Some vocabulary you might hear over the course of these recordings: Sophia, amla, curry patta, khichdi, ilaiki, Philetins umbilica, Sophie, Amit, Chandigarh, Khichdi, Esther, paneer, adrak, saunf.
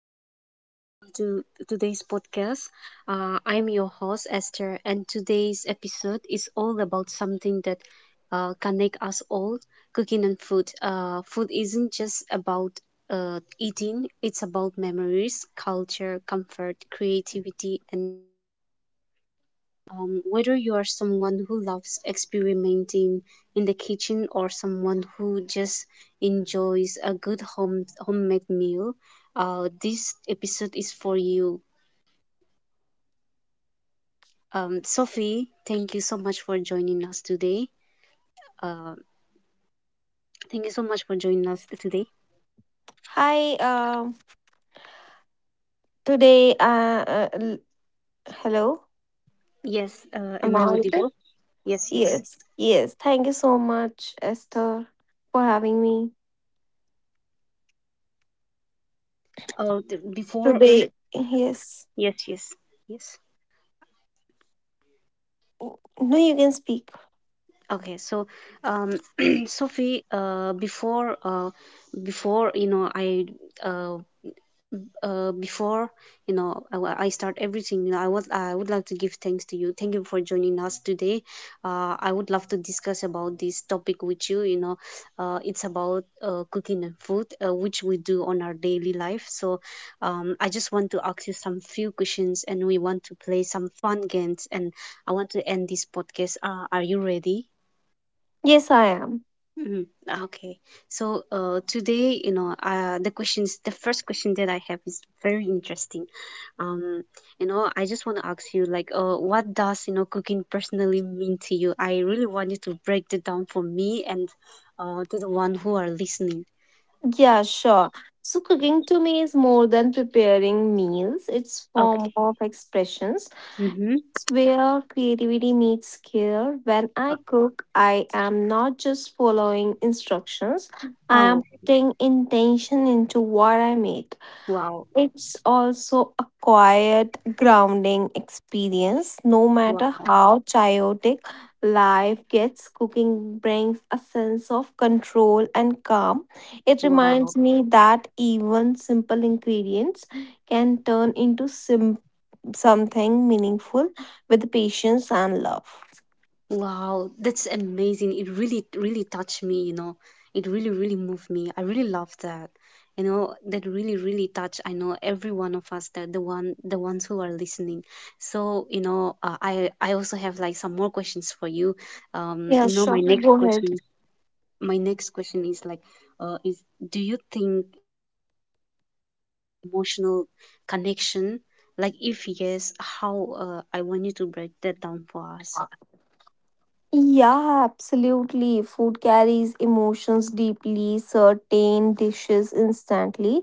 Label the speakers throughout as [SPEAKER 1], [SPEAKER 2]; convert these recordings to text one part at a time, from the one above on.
[SPEAKER 1] everyone, and welcome to today's podcast. I'm your host, Esther, and today's episode is all about something that connects us all, cooking and food. Food isn't just about eating. It's about memories, culture, comfort, creativity, and, whether you are someone who loves experimenting in the kitchen or someone who just enjoys a good homemade meal. This episode is for you. Sophie, thank you so much for joining us today. Uh, Thank you so much for joining us today.
[SPEAKER 2] Hi, um, today, uh, uh, l- hello,
[SPEAKER 1] Yes, am
[SPEAKER 2] am I
[SPEAKER 1] I
[SPEAKER 2] audible?
[SPEAKER 1] audible? Yes, yes.
[SPEAKER 2] Yes, yes. Thank you so much, Esther, for having me
[SPEAKER 1] Oh,
[SPEAKER 2] today. Yes,
[SPEAKER 1] yes, yes, yes.
[SPEAKER 2] no, you can speak.
[SPEAKER 1] Okay, so, um, Sophie, before you know, I uh, uh, before start everything. I would like to give thanks to you. Thank you for joining us today. I would love to discuss about this topic with you. You know It's about cooking and food, which we do on our daily life. So, I just want to ask you some few questions, and we want to play some fun games, and I want to end this podcast. Are you ready?
[SPEAKER 2] Yes, I am.
[SPEAKER 1] Mhm. Okay. So today, the first question that I have is very interesting. Um, I just want to ask you, what does cooking personally mean to you? I really want you to break it down for me and to the one who are listening.
[SPEAKER 2] Yeah, sure. So, cooking to me is more than preparing meals, it's
[SPEAKER 1] Okay.
[SPEAKER 2] form of expressions.
[SPEAKER 1] Mm-hmm.
[SPEAKER 2] It's where creativity meets care. When I cook, I am not just following instructions, I am
[SPEAKER 1] Oh,
[SPEAKER 2] putting intention into what I make.
[SPEAKER 1] wow.
[SPEAKER 2] It's also a quiet, grounding experience. No matter
[SPEAKER 1] Wow.
[SPEAKER 2] how chaotic life gets, cooking brings a sense of control and calm. It reminds
[SPEAKER 1] Wow.
[SPEAKER 2] me that even simple ingredients can turn into something meaningful with patience and love.
[SPEAKER 1] Wow, that's amazing. It really, really touched me. It really, really moved me. I really love that. That really, really touched, I know, every one of us, the ones who are listening. So, I also have like some more questions for you. Um,
[SPEAKER 2] Yeah,
[SPEAKER 1] you know, my
[SPEAKER 2] sure.
[SPEAKER 1] next
[SPEAKER 2] Go ahead.
[SPEAKER 1] question is my next question is, uh, is do you think emotional connection, like if yes, how I want you to break that down for us.
[SPEAKER 2] Yeah, absolutely. Food carries emotions deeply, certain dishes instantly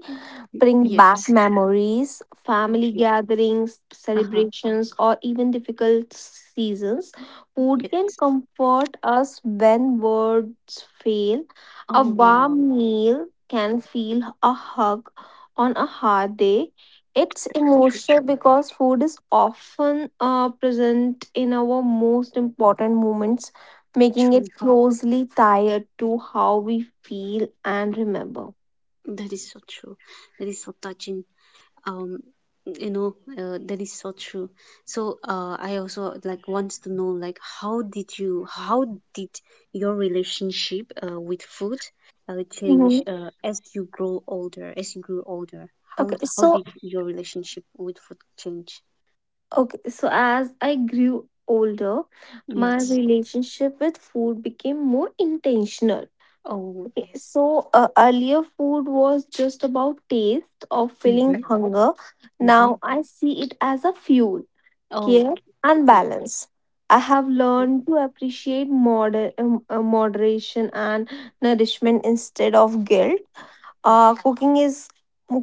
[SPEAKER 2] bring back
[SPEAKER 1] Yes.
[SPEAKER 2] memories, family
[SPEAKER 1] Okay.
[SPEAKER 2] gatherings,
[SPEAKER 1] Uh-huh.
[SPEAKER 2] celebrations, or even difficult seasons. Food can
[SPEAKER 1] Yes.
[SPEAKER 2] comfort us when words fail. A
[SPEAKER 1] Oh wow,
[SPEAKER 2] warm meal can feel a hug on a hard day, it's
[SPEAKER 1] true,
[SPEAKER 2] emotional because food is often present in our most important moments, making it
[SPEAKER 1] true.
[SPEAKER 2] closely tied to how we feel and remember.
[SPEAKER 1] That is so true. That is so touching. Um, that is so true. So, I also like wants to know like how did your relationship with food
[SPEAKER 2] hmm
[SPEAKER 1] change as you grow older? As you grew older,
[SPEAKER 2] Okay,
[SPEAKER 1] how
[SPEAKER 2] so
[SPEAKER 1] did your relationship with food change?
[SPEAKER 2] okay, so as I grew older, my
[SPEAKER 1] Yes.
[SPEAKER 2] relationship with food became more intentional.
[SPEAKER 1] Oh
[SPEAKER 2] Okay,
[SPEAKER 1] yes.
[SPEAKER 2] so earlier food was just about taste or feeling
[SPEAKER 1] Mhm.
[SPEAKER 2] hunger.
[SPEAKER 1] Mhm.
[SPEAKER 2] Now I see it as a fuel.
[SPEAKER 1] Oh
[SPEAKER 2] Care and
[SPEAKER 1] yes.
[SPEAKER 2] balance. I have learned to appreciate moderation and nourishment instead of guilt.
[SPEAKER 1] Wow.
[SPEAKER 2] Cooking is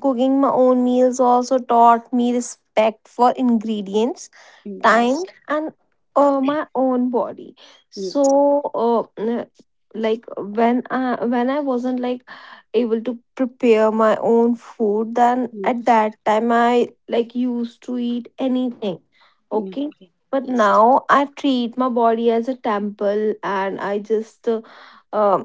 [SPEAKER 2] cooking my own meals also taught me respect for ingredients,
[SPEAKER 1] Mm,
[SPEAKER 2] time,
[SPEAKER 1] yes.
[SPEAKER 2] and my own body.
[SPEAKER 1] Yes.
[SPEAKER 2] So uh, n- like when I wasn't like able to prepare my own food, then at that time I like used to eat anything,
[SPEAKER 1] No,
[SPEAKER 2] okay,
[SPEAKER 1] okay.
[SPEAKER 2] but
[SPEAKER 1] Yes.
[SPEAKER 2] now I treat my body as a temple and I just uh,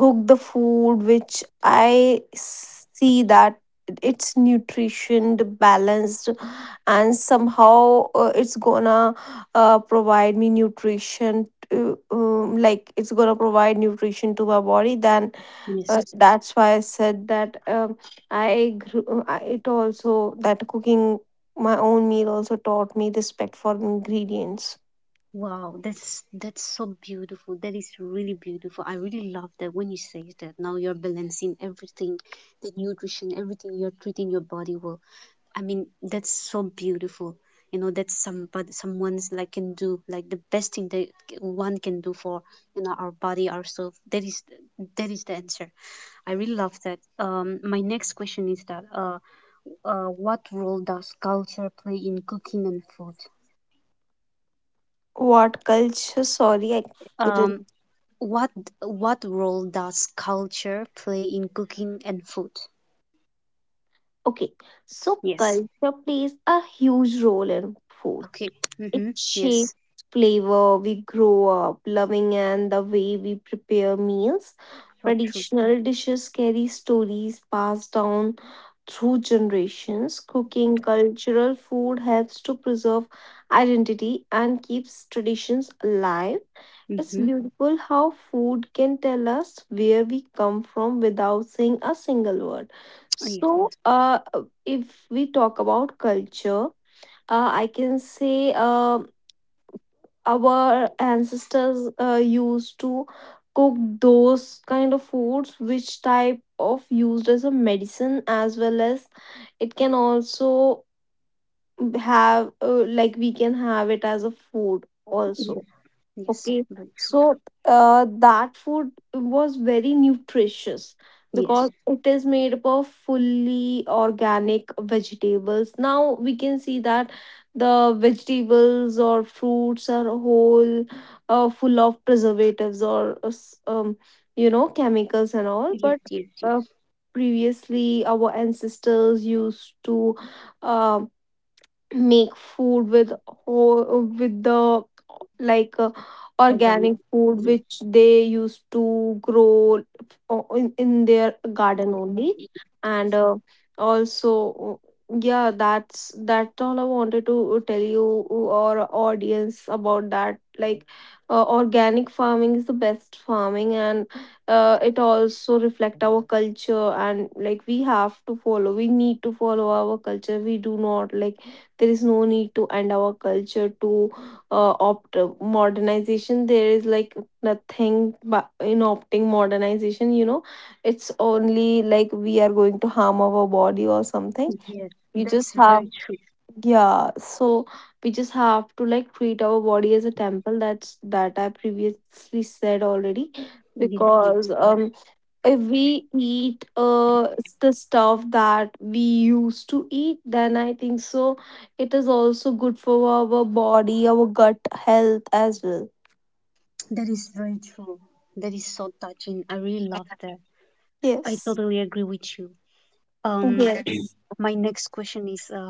[SPEAKER 2] cook the food which I see that it's nutritioned balanced and somehow it's gonna provide me nutrition to, like it's gonna provide nutrition to my body. Then
[SPEAKER 1] Yes.
[SPEAKER 2] that's why I said that it also that cooking my own meal also taught me respect for ingredients.
[SPEAKER 1] Wow, that's so beautiful. That is really beautiful. I really love that when you say that. Now you're balancing everything, the nutrition, everything. You're treating your body well. I mean, that's so beautiful. That's somebody someone's like can do like the best thing that one can do for, our body, ourselves. That is the answer. I really love that. My next question is that, what role does culture play in cooking and food?
[SPEAKER 2] What culture, sorry, I couldn't.
[SPEAKER 1] Um, what what role does culture play in cooking and food?
[SPEAKER 2] Okay, so
[SPEAKER 1] Yes.
[SPEAKER 2] culture plays a huge role in food.
[SPEAKER 1] Okay.
[SPEAKER 2] It
[SPEAKER 1] Mm-hmm.
[SPEAKER 2] shapes
[SPEAKER 1] Yes.
[SPEAKER 2] flavor we grow up loving and the way we prepare meals.
[SPEAKER 1] So true.
[SPEAKER 2] Traditional dishes carry stories passed down through generations. Cooking cultural food helps to preserve identity and keeps traditions alive. It's
[SPEAKER 1] Mm-hmm.
[SPEAKER 2] beautiful how food can tell us where we come from without saying a single word.
[SPEAKER 1] Yes.
[SPEAKER 2] So, if we talk about culture, I can say our ancestors used to cook those kind of foods which type of used as a medicine, as well as it can also have, like we can have it as a food also.
[SPEAKER 1] Yes. Yes.
[SPEAKER 2] Okay,
[SPEAKER 1] Very true.
[SPEAKER 2] so that food was very nutritious because
[SPEAKER 1] Yes.
[SPEAKER 2] it is made up of fully organic vegetables. Now we can see that the vegetables or fruits are whole, full of preservatives or you know, chemicals and all.
[SPEAKER 1] Yes.
[SPEAKER 2] But
[SPEAKER 1] Yes.
[SPEAKER 2] uh,
[SPEAKER 1] Yes.
[SPEAKER 2] previously, our ancestors used to. Um, Make food with whole, with the like
[SPEAKER 1] Organic.
[SPEAKER 2] organic food
[SPEAKER 1] Yes.
[SPEAKER 2] which they used to grow in their garden
[SPEAKER 1] Organic.
[SPEAKER 2] only, and
[SPEAKER 1] Yes.
[SPEAKER 2] also, yeah, that's that all I wanted to tell you or audience about that, like organic farming is the best farming, and it also reflect our culture, and like we have to follow, we need to follow our culture. We do not like, there is no need to end our culture to opt modernization. There is like nothing, but in opting modernization, you know, it's only like we are going to harm our body or something.
[SPEAKER 1] Yes.
[SPEAKER 2] We
[SPEAKER 1] That's
[SPEAKER 2] just have,
[SPEAKER 1] very true.
[SPEAKER 2] yeah, so we just have to like treat our body as a temple. That's that I previously said already,
[SPEAKER 1] Yes. Yes.
[SPEAKER 2] because if we eat the stuff that we used to eat, then I think so it is also good for our body, our gut health as well.
[SPEAKER 1] That is very true. That is so touching. I really love that. I
[SPEAKER 2] Yes,
[SPEAKER 1] totally agree with you. Um,
[SPEAKER 2] yes.
[SPEAKER 1] My next question is uh,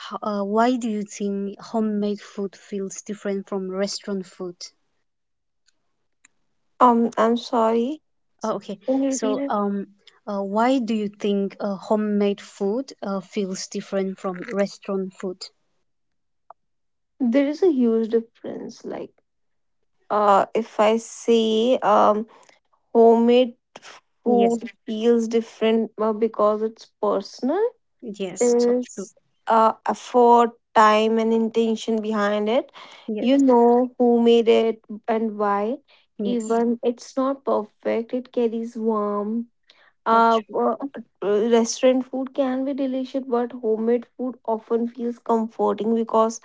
[SPEAKER 1] h- uh, why do you think homemade food feels different from restaurant food?
[SPEAKER 2] I'm sorry,
[SPEAKER 1] Oh, okay,
[SPEAKER 2] can you repeat
[SPEAKER 1] so
[SPEAKER 2] it?
[SPEAKER 1] why do you think homemade food feels different from restaurant food?
[SPEAKER 2] There is a huge difference, like if I say, homemade
[SPEAKER 1] Yes,
[SPEAKER 2] food feels different because it's personal.
[SPEAKER 1] yes, so true.
[SPEAKER 2] Is effort, time, and intention behind it.
[SPEAKER 1] Yes,
[SPEAKER 2] You know who made it and why.
[SPEAKER 1] yes,
[SPEAKER 2] Even it's not perfect, it carries warm.
[SPEAKER 1] so
[SPEAKER 2] Uh,
[SPEAKER 1] true.
[SPEAKER 2] uh, Restaurant food can be delicious, but homemade food often feels comforting because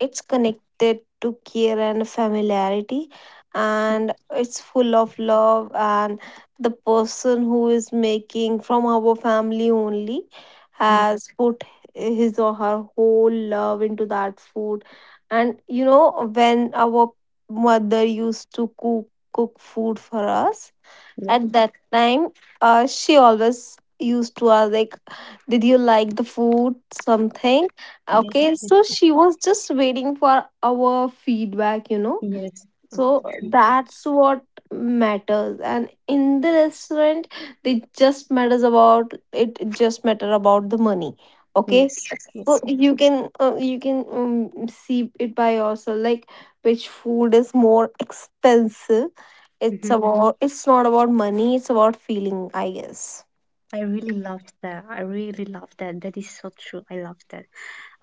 [SPEAKER 2] it's connected to care and familiarity, and it's full of love. And the person who is making from our family only
[SPEAKER 1] Yes,
[SPEAKER 2] has put his or her whole love into that food. And you know, when our mother used to cook food for us
[SPEAKER 1] yes,
[SPEAKER 2] at that time, she always used to ask like, did you like the food, something?
[SPEAKER 1] yes,
[SPEAKER 2] Okay, so she was just waiting for our feedback, you know.
[SPEAKER 1] yes,
[SPEAKER 2] So
[SPEAKER 1] very true.
[SPEAKER 2] that's what matters, and in the restaurant they just matters about, it just matter about the money. Okay,
[SPEAKER 1] Yes,
[SPEAKER 2] so
[SPEAKER 1] yes, yes.
[SPEAKER 2] you can see it by yourself, like which food is more expensive. It's
[SPEAKER 1] Mhm.
[SPEAKER 2] Mhm. About, it's not about money, it's about feeling, I guess.
[SPEAKER 1] I really love that. I really love that. That is so true. I love that.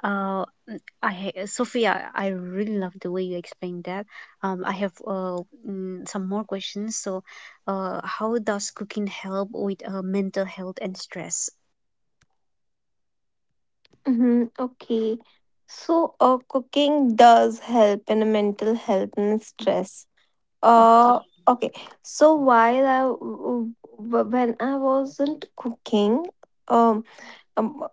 [SPEAKER 1] Sophia, I really love the way you explained that. I have some more questions. So, how does cooking help with mental health and stress?
[SPEAKER 2] Mm-hmm. Okay. So, cooking does help in mental health and stress. Uh,
[SPEAKER 1] Okay.
[SPEAKER 2] okay. So while when I wasn't cooking, um, um,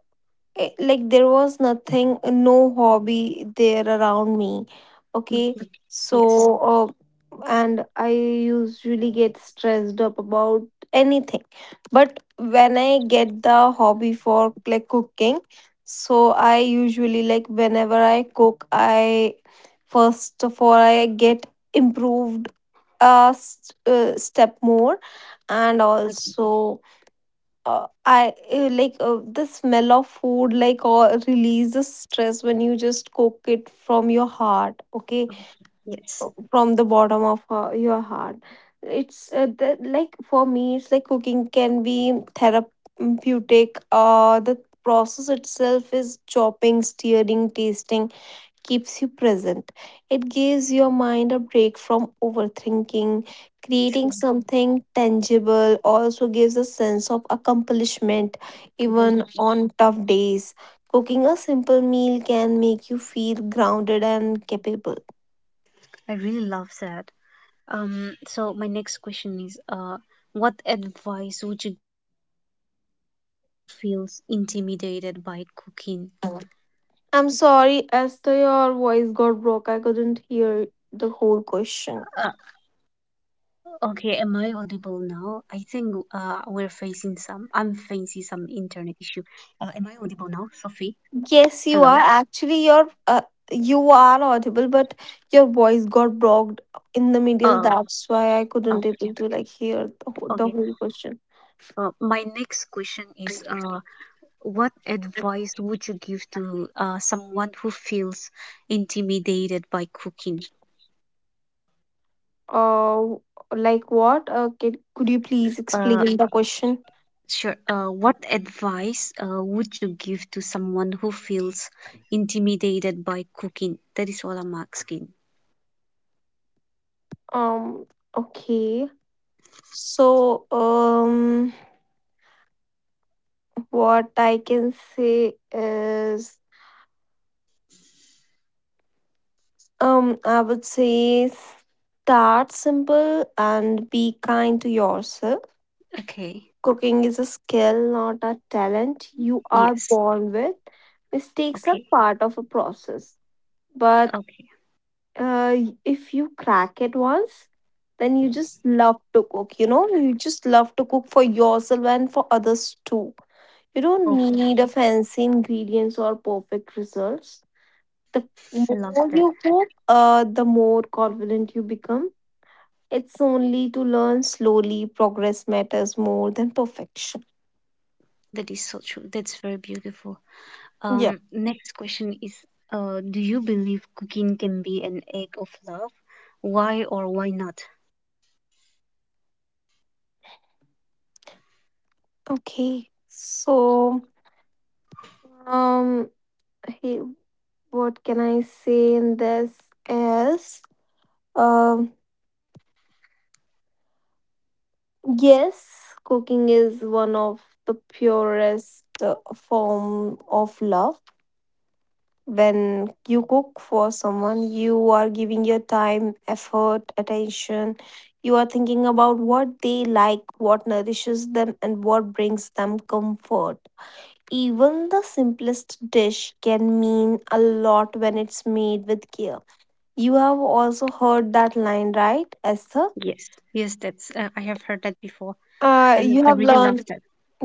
[SPEAKER 2] like there was nothing, no hobby there around me, okay.
[SPEAKER 1] Okay.
[SPEAKER 2] So uh,
[SPEAKER 1] Yes.
[SPEAKER 2] and I usually get stressed up about anything, but when I get the hobby for like cooking, so I usually like whenever I cook, I first of all I get improved a step more.
[SPEAKER 1] Okay.
[SPEAKER 2] And also I like the smell of food, like, or releases stress when you just cook it from your heart, okay,
[SPEAKER 1] Yes.
[SPEAKER 2] from the bottom of your heart. It's the, like for me, it's like cooking can be therapeutic. The process itself is chopping, stirring, tasting, keeps you present. It gives your mind a break from overthinking.
[SPEAKER 1] True.
[SPEAKER 2] Creating something tangible also gives a sense of accomplishment,
[SPEAKER 1] Very
[SPEAKER 2] even
[SPEAKER 1] true.
[SPEAKER 2] on tough days. Cooking a simple meal can make you feel grounded and capable.
[SPEAKER 1] I really love that. So my next question is, what advice would you feel intimidated by cooking?
[SPEAKER 2] I'm sorry, Esther, your voice got broke. I
[SPEAKER 1] Uh,
[SPEAKER 2] couldn't hear the whole
[SPEAKER 1] Okay, am
[SPEAKER 2] question.
[SPEAKER 1] I audible now? I think I'm facing some internet issue. Am I audible now, Sophie? Hello?
[SPEAKER 2] Yes, you are. Actually, you're you are audible, but your voice got blocked
[SPEAKER 1] Uh,
[SPEAKER 2] in the middle. That's why I
[SPEAKER 1] okay,
[SPEAKER 2] couldn't able to like hear
[SPEAKER 1] okay.
[SPEAKER 2] the whole question.
[SPEAKER 1] My next question is what advice would you give to someone who feels intimidated by cooking?
[SPEAKER 2] Uh, like what? Could you please
[SPEAKER 1] Uh,
[SPEAKER 2] explain the question?
[SPEAKER 1] sure. What advice would you give to someone who feels intimidated by cooking? That is what I'm asking.
[SPEAKER 2] Um. Okay. So, what I can say is, I would say start simple and be kind to yourself.
[SPEAKER 1] Okay.
[SPEAKER 2] Cooking is a skill, not a talent you are
[SPEAKER 1] Yes.
[SPEAKER 2] born with. Mistakes are
[SPEAKER 1] Okay.
[SPEAKER 2] part of a process. But
[SPEAKER 1] Okay.
[SPEAKER 2] uh, if you crack it once, then you just love to cook. You know, you just love to cook for yourself and for others too. You don't
[SPEAKER 1] Oh,
[SPEAKER 2] need a fancy ingredients or perfect results. The
[SPEAKER 1] I love
[SPEAKER 2] more
[SPEAKER 1] that.
[SPEAKER 2] you cook, the more confident you become. It's only to learn slowly. Progress matters more than perfection.
[SPEAKER 1] That is so true. That's very beautiful.
[SPEAKER 2] Yeah.
[SPEAKER 1] Next question is, do you believe cooking can be an act of love? Why or why not?
[SPEAKER 2] Okay, so um, hey, what can I say in this is, um, yes, cooking is one of the purest form of love. When you cook for someone, you are giving your time, effort, attention. You are thinking about what they like, what nourishes them, and what brings them comfort. Even the simplest dish can mean a lot when it's made with care. You have also heard that line, right, Esther?
[SPEAKER 1] Yes, yes, that's I have heard that before,
[SPEAKER 2] Uh,
[SPEAKER 1] and
[SPEAKER 2] you
[SPEAKER 1] I
[SPEAKER 2] have
[SPEAKER 1] really love
[SPEAKER 2] learned
[SPEAKER 1] that.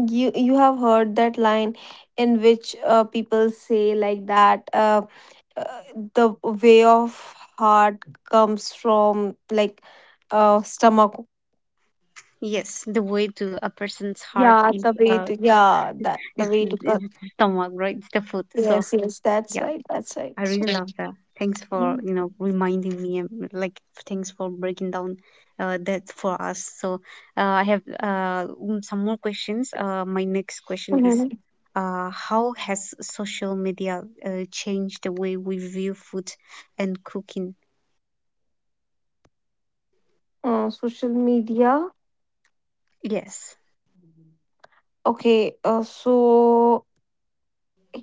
[SPEAKER 2] you have heard that line, in which people say like that uh, the way of heart comes from like stomach.
[SPEAKER 1] Yes, the way to a person's heart
[SPEAKER 2] Yeah,
[SPEAKER 1] is,
[SPEAKER 2] the way to, yeah, that the
[SPEAKER 1] it's,
[SPEAKER 2] way to
[SPEAKER 1] it's
[SPEAKER 2] cut,
[SPEAKER 1] the stomach, right? It's the food. So
[SPEAKER 2] yes, yes, that's
[SPEAKER 1] yeah.
[SPEAKER 2] right, that's right.
[SPEAKER 1] I
[SPEAKER 2] So
[SPEAKER 1] really love that. Thanks for,
[SPEAKER 2] Mhm.
[SPEAKER 1] reminding me, and like, thanks for breaking down that for us. So I have some more questions. My next question is
[SPEAKER 2] Mhm.
[SPEAKER 1] how has social media changed the way we view food and cooking?
[SPEAKER 2] Social media
[SPEAKER 1] Yes.
[SPEAKER 2] Okay, so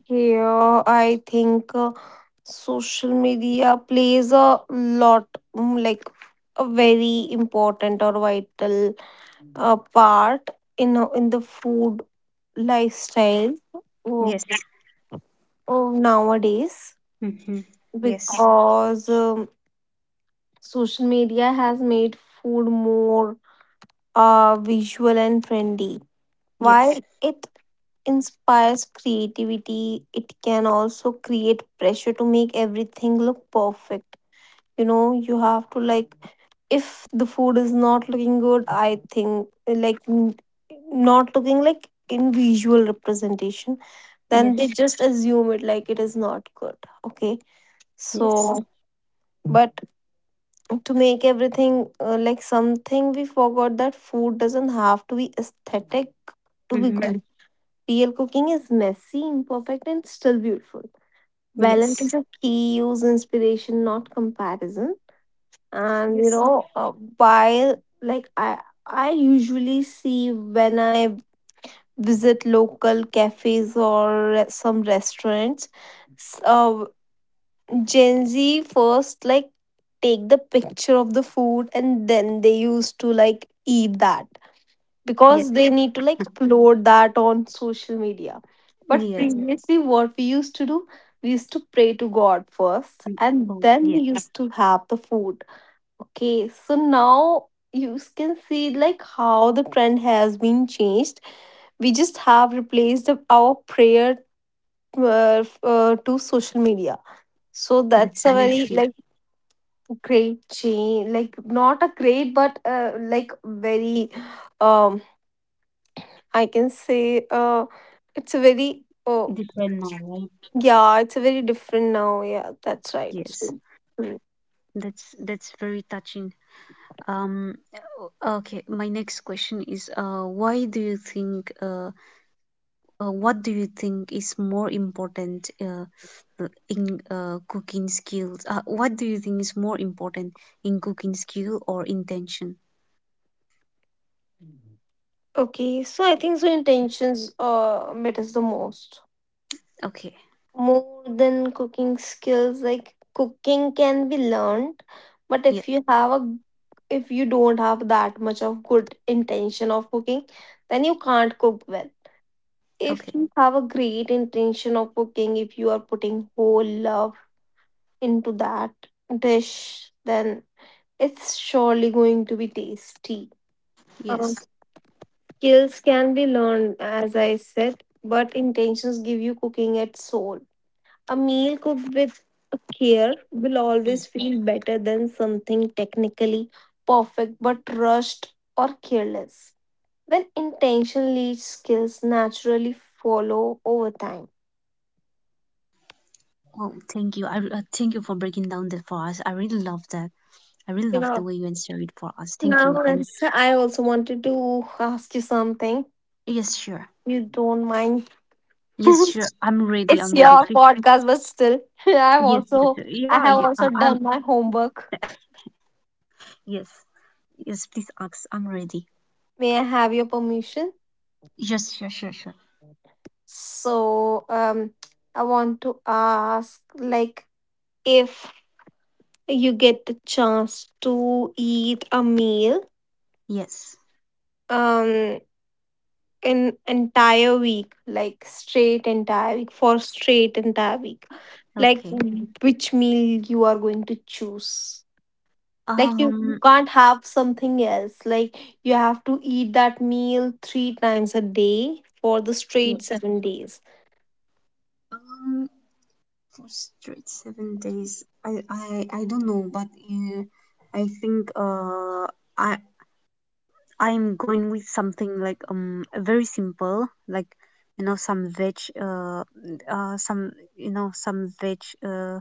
[SPEAKER 2] here I think social media plays a lot, like a very important or vital part in the food lifestyle, oh,
[SPEAKER 1] Yes.
[SPEAKER 2] oh, nowadays,
[SPEAKER 1] Mm-hmm. Yes.
[SPEAKER 2] because social media has made food more visual and trendy. While
[SPEAKER 1] Yes.
[SPEAKER 2] it inspires creativity, it can also create pressure to make everything look perfect. You know, you have to like, if the food is not looking good, I think like not looking like in visual representation, then they
[SPEAKER 1] Yes.
[SPEAKER 2] just assume it like it is not good. Okay.
[SPEAKER 1] Yes.
[SPEAKER 2] So, but to make everything like something, we forgot that food doesn't have to be aesthetic to be
[SPEAKER 1] Mm-hmm.
[SPEAKER 2] good. Real cooking is messy, imperfect, and still beautiful. Balance
[SPEAKER 1] Yes.
[SPEAKER 2] is a key. Use inspiration, not comparison. And you
[SPEAKER 1] Yes.
[SPEAKER 2] know, while like I usually see when I visit local cafes or some restaurants, s- uh, Gen Z first like take the picture of the food and then they used to like eat that
[SPEAKER 1] Yes.
[SPEAKER 2] because they need to like upload that on social media. But
[SPEAKER 1] Yes.
[SPEAKER 2] previously, what we used to do, we used to pray to God first
[SPEAKER 1] Mm.
[SPEAKER 2] and
[SPEAKER 1] Oh,
[SPEAKER 2] then
[SPEAKER 1] yeah.
[SPEAKER 2] we used to have the food. Okay, so now you can see like how the trend has been changed. We just have replaced our prayer to social media. So
[SPEAKER 1] That's
[SPEAKER 2] that's a
[SPEAKER 1] really
[SPEAKER 2] very
[SPEAKER 1] true.
[SPEAKER 2] like great change, like not a great, but like um I can say uh very
[SPEAKER 1] Different now, right?
[SPEAKER 2] yeah, it's a very different now. Yeah, that's right.
[SPEAKER 1] Yes.
[SPEAKER 2] Mm,
[SPEAKER 1] That's very touching. Um, okay, my next question is, why do you think, what do you think is more important, in cooking skills? What do you think is more important in cooking skill or intention?
[SPEAKER 2] okay, so I think so intentions matters the most.
[SPEAKER 1] Okay,
[SPEAKER 2] More than cooking skills, like cooking can be learned, but
[SPEAKER 1] yeah,
[SPEAKER 2] if you don't have that much of good intention of cooking, then you can't cook well. If you
[SPEAKER 1] okay,
[SPEAKER 2] have a great intention of cooking, if you are putting whole love into that dish, then it's surely going to be tasty. Um,
[SPEAKER 1] yes.
[SPEAKER 2] Skills can be learned, as I said, but intentions give you cooking its soul. A meal cooked with care will always feel better than something technically perfect but rushed or careless. When intention leads, skills naturally follow over time.
[SPEAKER 1] Oh, thank you. Thank you for breaking down that for us. I really love that. I really love the way you answer
[SPEAKER 2] Yeah.
[SPEAKER 1] it for us. Thank you. And
[SPEAKER 2] Now, let I also wanted to ask you something.
[SPEAKER 1] yes, sure.
[SPEAKER 2] You don't mind
[SPEAKER 1] Yes, sure.
[SPEAKER 2] it's
[SPEAKER 1] I'm ready. I'm ready.
[SPEAKER 2] your podcast, but still, I've
[SPEAKER 1] Yes, yes,
[SPEAKER 2] also I
[SPEAKER 1] yeah,
[SPEAKER 2] have
[SPEAKER 1] yeah,
[SPEAKER 2] also done my homework.
[SPEAKER 1] yes, yes, please ask. I'm ready.
[SPEAKER 2] May I have your permission?
[SPEAKER 1] Yes, sure, sure, sure.
[SPEAKER 2] So, I want to ask, like, if you get the chance to eat a meal,
[SPEAKER 1] Yes,
[SPEAKER 2] um, an entire week, like straight entire week, like
[SPEAKER 1] okay.
[SPEAKER 2] which meal you are going to choose? Like you
[SPEAKER 1] Um,
[SPEAKER 2] can't have something else, like you have to eat that meal three times a day for the straight
[SPEAKER 1] yes.
[SPEAKER 2] 7 days.
[SPEAKER 1] Um, for straight 7 days, I don't know, but I think, I, I'm going with something like very simple, like, some veg, some, some veg, uh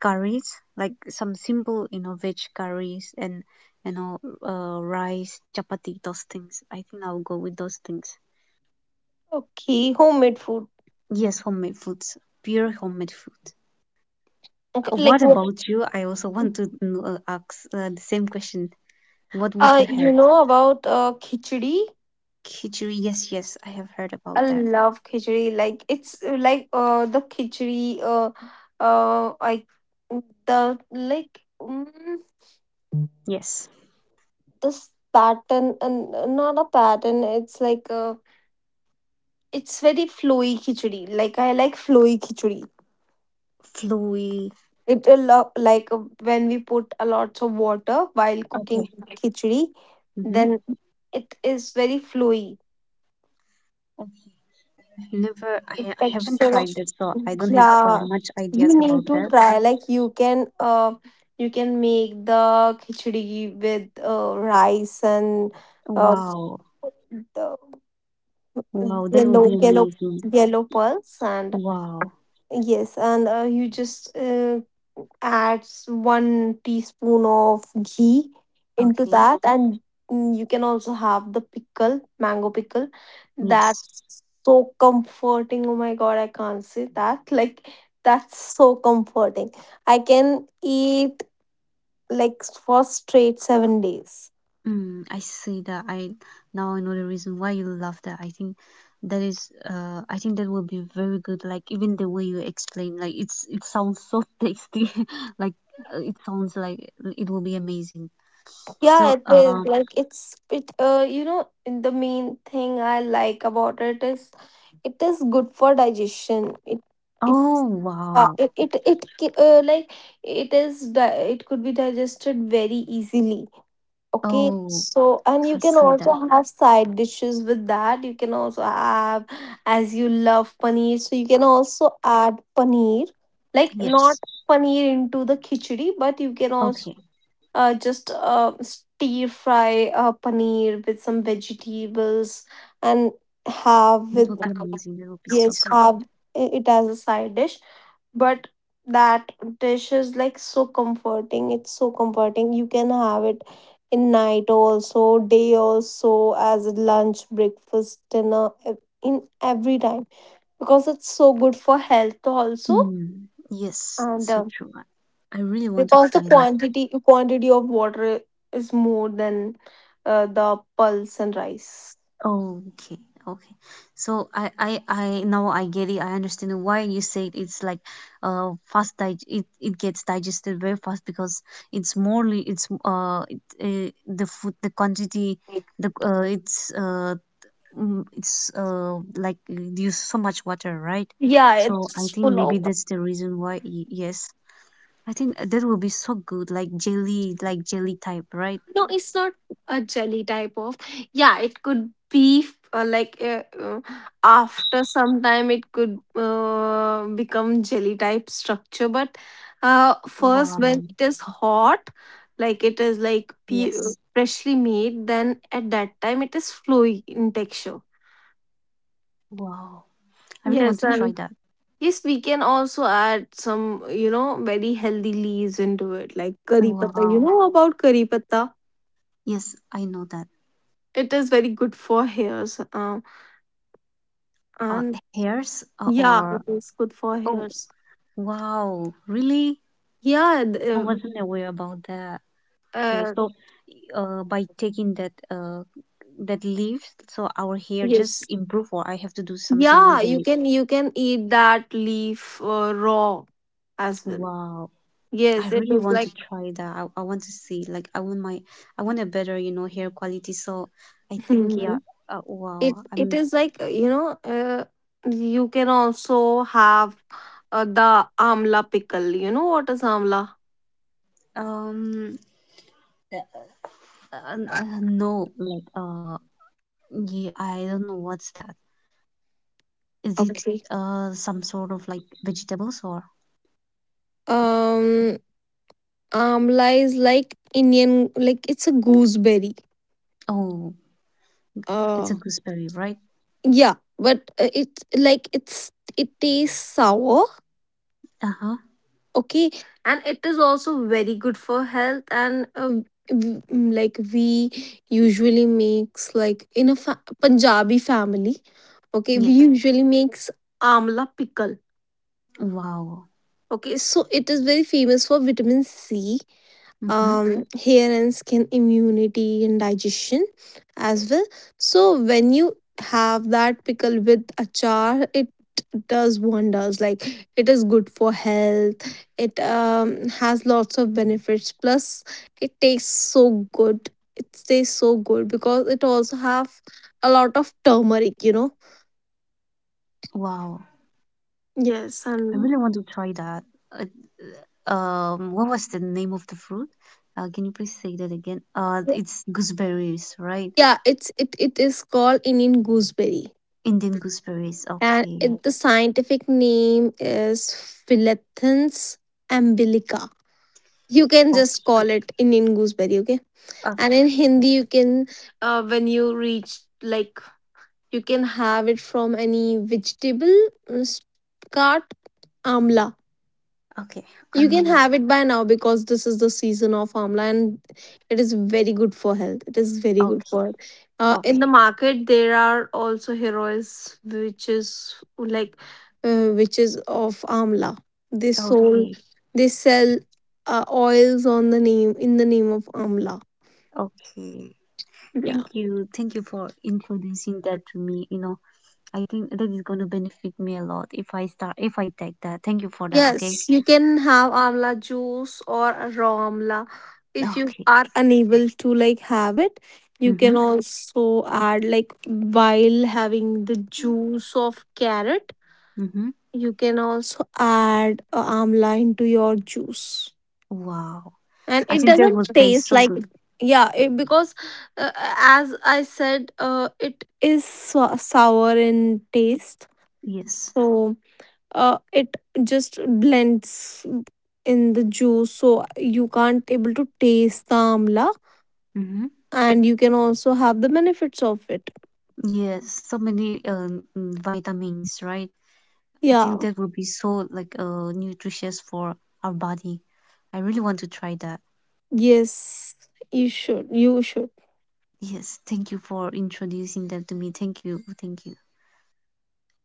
[SPEAKER 1] curries, like some simple, veg curries and, you know rice, chapati, those things. I think I'll go with those things.
[SPEAKER 2] Okay, homemade food.
[SPEAKER 1] Yes, homemade foods, pure homemade food.
[SPEAKER 2] Okay, like
[SPEAKER 1] What about you? I also want to ask the same question. What would you
[SPEAKER 2] you
[SPEAKER 1] have?
[SPEAKER 2] know about khichdi?
[SPEAKER 1] Khichdi, yes, yes, I have heard about
[SPEAKER 2] I
[SPEAKER 1] that.
[SPEAKER 2] love khichdi. Like it's like the khichdi I the like mm
[SPEAKER 1] Yes.
[SPEAKER 2] this pattern, and not a pattern, it's like a, it's very flowy khichdi. Like I like flowy khichdi
[SPEAKER 1] Flowy.
[SPEAKER 2] it a lot. Like when we put a lots of water while cooking
[SPEAKER 1] Okay.
[SPEAKER 2] khichdi,
[SPEAKER 1] Mm-hmm.
[SPEAKER 2] then it is very flowy.
[SPEAKER 1] Never,
[SPEAKER 2] The
[SPEAKER 1] I haven't tried this, so I don't have
[SPEAKER 2] yeah,
[SPEAKER 1] much
[SPEAKER 2] you
[SPEAKER 1] ideas about
[SPEAKER 2] need to
[SPEAKER 1] that.
[SPEAKER 2] try. Like you can make the khichdi with rice and uh,
[SPEAKER 1] Wow.
[SPEAKER 2] the
[SPEAKER 1] Wow, that will
[SPEAKER 2] yellow
[SPEAKER 1] be
[SPEAKER 2] yellow
[SPEAKER 1] amazing.
[SPEAKER 2] yellow pearls, and
[SPEAKER 1] Wow.
[SPEAKER 2] yes. And you just adds one teaspoon of ghee into
[SPEAKER 1] Okay.
[SPEAKER 2] that, and you can also have the pickle, mango pickle.
[SPEAKER 1] Yes.
[SPEAKER 2] That's so comforting. Oh my god, I can't say that. Like that's so comforting. I can eat like for straight 7 days.
[SPEAKER 1] Mm, I see that. I now I know the reason why you love that. I think that will be very good. Like, even the way you explain, like, it sounds so tasty. Like, it sounds like it will be amazing.
[SPEAKER 2] Yeah,
[SPEAKER 1] So,
[SPEAKER 2] it is. Like it's it you know, and the main thing I like about it is good for digestion. It
[SPEAKER 1] oh, wow.
[SPEAKER 2] it it, it ki- like it is di- It could be digested very easily. Okay.
[SPEAKER 1] Oh,
[SPEAKER 2] So, and you can
[SPEAKER 1] I
[SPEAKER 2] also
[SPEAKER 1] see
[SPEAKER 2] have
[SPEAKER 1] that.
[SPEAKER 2] side dishes with that. You can also have, as you love paneer, so you can also add
[SPEAKER 1] Yes.
[SPEAKER 2] paneer. Like not paneer into the
[SPEAKER 1] Okay.
[SPEAKER 2] khichdi, but you can also just stir fry paneer with some vegetables
[SPEAKER 1] That will be
[SPEAKER 2] and
[SPEAKER 1] amazing. That will be
[SPEAKER 2] have with
[SPEAKER 1] so good.
[SPEAKER 2] yes have it as a side dish. But that dish is like so comforting. It's so comforting. You can have it in night also, day also, as a lunch, breakfast, dinner, ev- in every time, because it's so good for health also.
[SPEAKER 1] Mm, yes,
[SPEAKER 2] And
[SPEAKER 1] so true. I really want to
[SPEAKER 2] because
[SPEAKER 1] try
[SPEAKER 2] the
[SPEAKER 1] that.
[SPEAKER 2] quantity of water is more than the pulse and rice.
[SPEAKER 1] Oh, okay, okay. So, I now I get it. I understand why you said it's like, fast dig. It gets digested very fast because it's morely it's it, the food the quantity the it's uh mm, it's like it use so much water, right?
[SPEAKER 2] Yeah,
[SPEAKER 1] So I
[SPEAKER 2] it's
[SPEAKER 1] think
[SPEAKER 2] full
[SPEAKER 1] maybe
[SPEAKER 2] of.
[SPEAKER 1] that's the reason why. Yes, I think that will be so good, like jelly type, right?
[SPEAKER 2] No, it's not a jelly type of. Yeah, it could be uh, like uh, uh, after some time it could become jelly type structure.
[SPEAKER 1] Wow.
[SPEAKER 2] But first when it is
[SPEAKER 1] Yes.
[SPEAKER 2] hot, like it is like freshly made, then at that time it is flowy in texture.
[SPEAKER 1] Wow. I really want to try that.
[SPEAKER 2] Yes, and yes, we can also add some, you know, very healthy leaves into it, like curry
[SPEAKER 1] Wow.
[SPEAKER 2] patta. You know about curry patta?
[SPEAKER 1] Yes, I know that.
[SPEAKER 2] It is very good for hairs.
[SPEAKER 1] Uh,
[SPEAKER 2] And
[SPEAKER 1] Hairs,
[SPEAKER 2] Yeah,
[SPEAKER 1] or
[SPEAKER 2] it is good for
[SPEAKER 1] oh
[SPEAKER 2] hairs.
[SPEAKER 1] wow, really?
[SPEAKER 2] Yeah, th-
[SPEAKER 1] I
[SPEAKER 2] uh,
[SPEAKER 1] wasn't aware about that. Okay,
[SPEAKER 2] uh,
[SPEAKER 1] so by taking that leaves, so our hair
[SPEAKER 2] yes.
[SPEAKER 1] just improve, or I have to do something
[SPEAKER 2] Yeah,
[SPEAKER 1] with the leaf.
[SPEAKER 2] you can eat that leaf raw as well.
[SPEAKER 1] Wow, I
[SPEAKER 2] Yes, it
[SPEAKER 1] really
[SPEAKER 2] is
[SPEAKER 1] want
[SPEAKER 2] like
[SPEAKER 1] to try that. I want to see, like, I want a better, hair quality. So
[SPEAKER 2] mhm.
[SPEAKER 1] I think, yeah,
[SPEAKER 2] it
[SPEAKER 1] wow.
[SPEAKER 2] it
[SPEAKER 1] I'm
[SPEAKER 2] is like you know You can also have the amla pickle. You know what is
[SPEAKER 1] um
[SPEAKER 2] amla?
[SPEAKER 1] Uh, no, like, yeah, I don't know what's that. Is it some sort of like vegetables
[SPEAKER 2] Okay.
[SPEAKER 1] or?
[SPEAKER 2] Um, Amla is like Indian, like it's a gooseberry.
[SPEAKER 1] Oh, it's a gooseberry,
[SPEAKER 2] Uh,
[SPEAKER 1] right?
[SPEAKER 2] yeah, but it's like it's it tastes sour.
[SPEAKER 1] Uh-huh.
[SPEAKER 2] Okay, and it is also very good for health. And like we usually makes like in a Punjabi family. Okay, we
[SPEAKER 1] Yeah.
[SPEAKER 2] usually makes amla pickle.
[SPEAKER 1] Wow.
[SPEAKER 2] Okay, so it is very famous for vitamin C,
[SPEAKER 1] Mm-hmm.
[SPEAKER 2] hair and skin immunity and digestion as well. So when you have that pickle with achar, it does wonders. Like it is good for health. It has lots of benefits. Plus, it tastes so good. It tastes so good because it also have a lot of turmeric. You know.
[SPEAKER 1] Wow. I really want
[SPEAKER 2] Yes,
[SPEAKER 1] to try
[SPEAKER 2] and
[SPEAKER 1] that. What was the name of the fruit? Can you please say that again? It's gooseberries, right?
[SPEAKER 2] yeah, it is called Indian gooseberry.
[SPEAKER 1] Indian gooseberries.
[SPEAKER 2] And
[SPEAKER 1] Okay.
[SPEAKER 2] it, the scientific name is Philetins umbilica. You can just
[SPEAKER 1] Okay.
[SPEAKER 2] call it Indian gooseberry, okay? And in
[SPEAKER 1] Okay.
[SPEAKER 2] Hindi, you can, when you reach, like, you can have it from any vegetable cart, amla.
[SPEAKER 1] Okay.
[SPEAKER 2] You can
[SPEAKER 1] Um.
[SPEAKER 2] have it by now because this is the season of amla, and it is very good for health. It is very good
[SPEAKER 1] Okay.
[SPEAKER 2] for health. In the
[SPEAKER 1] Okay.
[SPEAKER 2] market, there are also heroes, which is like which is of amla. They sold
[SPEAKER 1] Okay,
[SPEAKER 2] they sell oils on the name, in the name of amla.
[SPEAKER 1] okay.
[SPEAKER 2] Yeah.
[SPEAKER 1] Thank you. Thank you for introducing that to me. I think that is going to benefit me a lot if I start, if I take that. Thank you for that. Okay.
[SPEAKER 2] Yes, you can have amla juice or a raw amla. If you
[SPEAKER 1] Okay.
[SPEAKER 2] are unable to like have it, you can
[SPEAKER 1] Mm-hmm.
[SPEAKER 2] also add, like while having the juice of carrot,
[SPEAKER 1] Mm-hmm.
[SPEAKER 2] you can also add amla into your juice.
[SPEAKER 1] Wow.
[SPEAKER 2] And
[SPEAKER 1] I
[SPEAKER 2] it
[SPEAKER 1] think that
[SPEAKER 2] doesn't
[SPEAKER 1] would taste
[SPEAKER 2] taste
[SPEAKER 1] so
[SPEAKER 2] like
[SPEAKER 1] good.
[SPEAKER 2] yeah, it, because uh, as I said, it is sour in taste.
[SPEAKER 1] Yes.
[SPEAKER 2] So it just blends in the juice, so you can't able to taste the amla,
[SPEAKER 1] Mm-hmm.
[SPEAKER 2] and you can also have the benefits of it.
[SPEAKER 1] Yes. So many, vitamins, right? I
[SPEAKER 2] Yeah.
[SPEAKER 1] think that would be so like nutritious for our body. I really want to try that.
[SPEAKER 2] Yes, you should, you should.
[SPEAKER 1] Yes. Thank you for introducing that to me. Thank you. Thank you.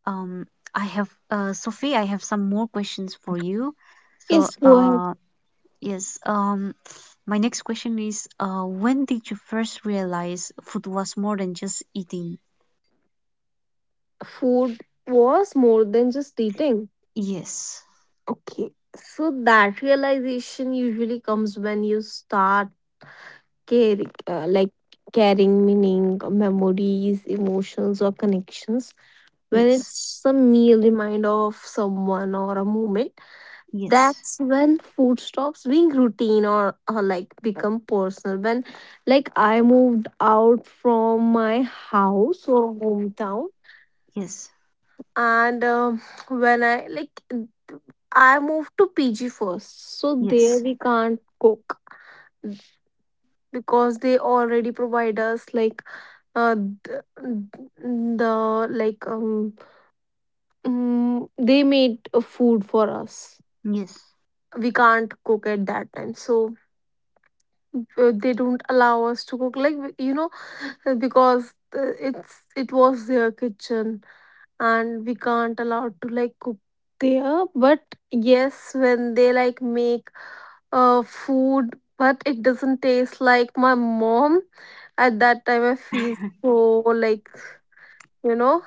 [SPEAKER 1] Um, I have, Sophie, I have some more questions for you. So,
[SPEAKER 2] Yes, go ahead.
[SPEAKER 1] uh, yes, um, my next question is, when did you first realize food was more than just eating?
[SPEAKER 2] Food was more than just eating.
[SPEAKER 1] Yes,
[SPEAKER 2] Okay, so that realization usually comes when you start caring, like carrying meaning, memories, emotions, or connections, when
[SPEAKER 1] yes,
[SPEAKER 2] it's a meal reminder of someone or a moment.
[SPEAKER 1] yes,
[SPEAKER 2] That's when food stops being routine, or like become personal. When, like, I moved out from my house or hometown,
[SPEAKER 1] yes,
[SPEAKER 2] and when I like I moved to PG first, so there
[SPEAKER 1] yes,
[SPEAKER 2] we can't cook because they already provide us, like, uh the, the like um they made food for us.
[SPEAKER 1] yes,
[SPEAKER 2] We can't cook at that time, so they don't allow us to cook. Like you know, because it's it was their kitchen, and we can't allow to like cook there. But yes, when they like make food, but it doesn't taste like my mom. At that time, I feel so like, you know,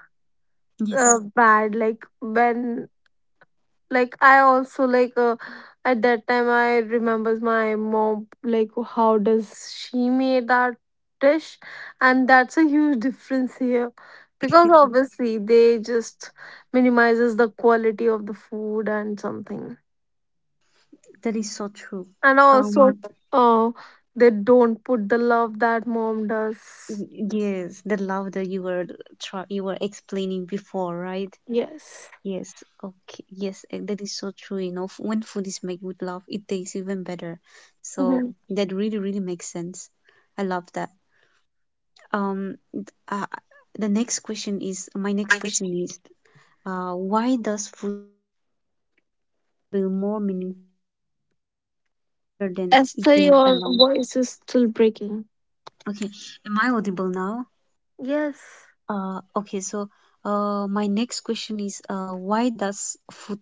[SPEAKER 1] yes.
[SPEAKER 2] bad. Like when like I also like at that time I remembers my mom, like how does she made that dish, and that's a huge difference here. Because obviously they just minimizes the quality of the food and something,
[SPEAKER 1] That is so true.
[SPEAKER 2] and also
[SPEAKER 1] Um,
[SPEAKER 2] uh, they don't put the love that mom does.
[SPEAKER 1] yes, the love that you were explaining before, right?
[SPEAKER 2] Yes.
[SPEAKER 1] Yes, okay, yes, that is so true. You know, when food is made with love, it tastes even better. So
[SPEAKER 2] Mm-hmm.
[SPEAKER 1] that really, really makes sense. I love that. Um, th- uh, the next question is, why does food feel more meaningful than eaten
[SPEAKER 2] Esther, your
[SPEAKER 1] alone?
[SPEAKER 2] voice is still breaking.
[SPEAKER 1] Okay, am I audible now?
[SPEAKER 2] Yes.
[SPEAKER 1] Okay, so my next question is, why does food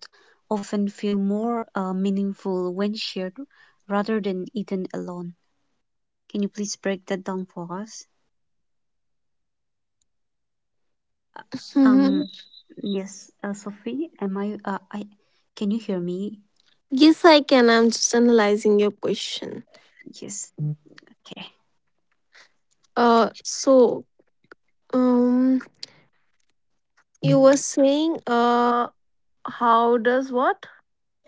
[SPEAKER 1] often feel more meaningful when shared rather than eaten alone? Can you please break that down for us? Um,
[SPEAKER 2] Mm-hmm.
[SPEAKER 1] yes, Sophie, can you hear me?
[SPEAKER 2] Yes, I can. I'm just analyzing your question.
[SPEAKER 1] Yes, okay.
[SPEAKER 2] Uh, so um, you were saying, how does what?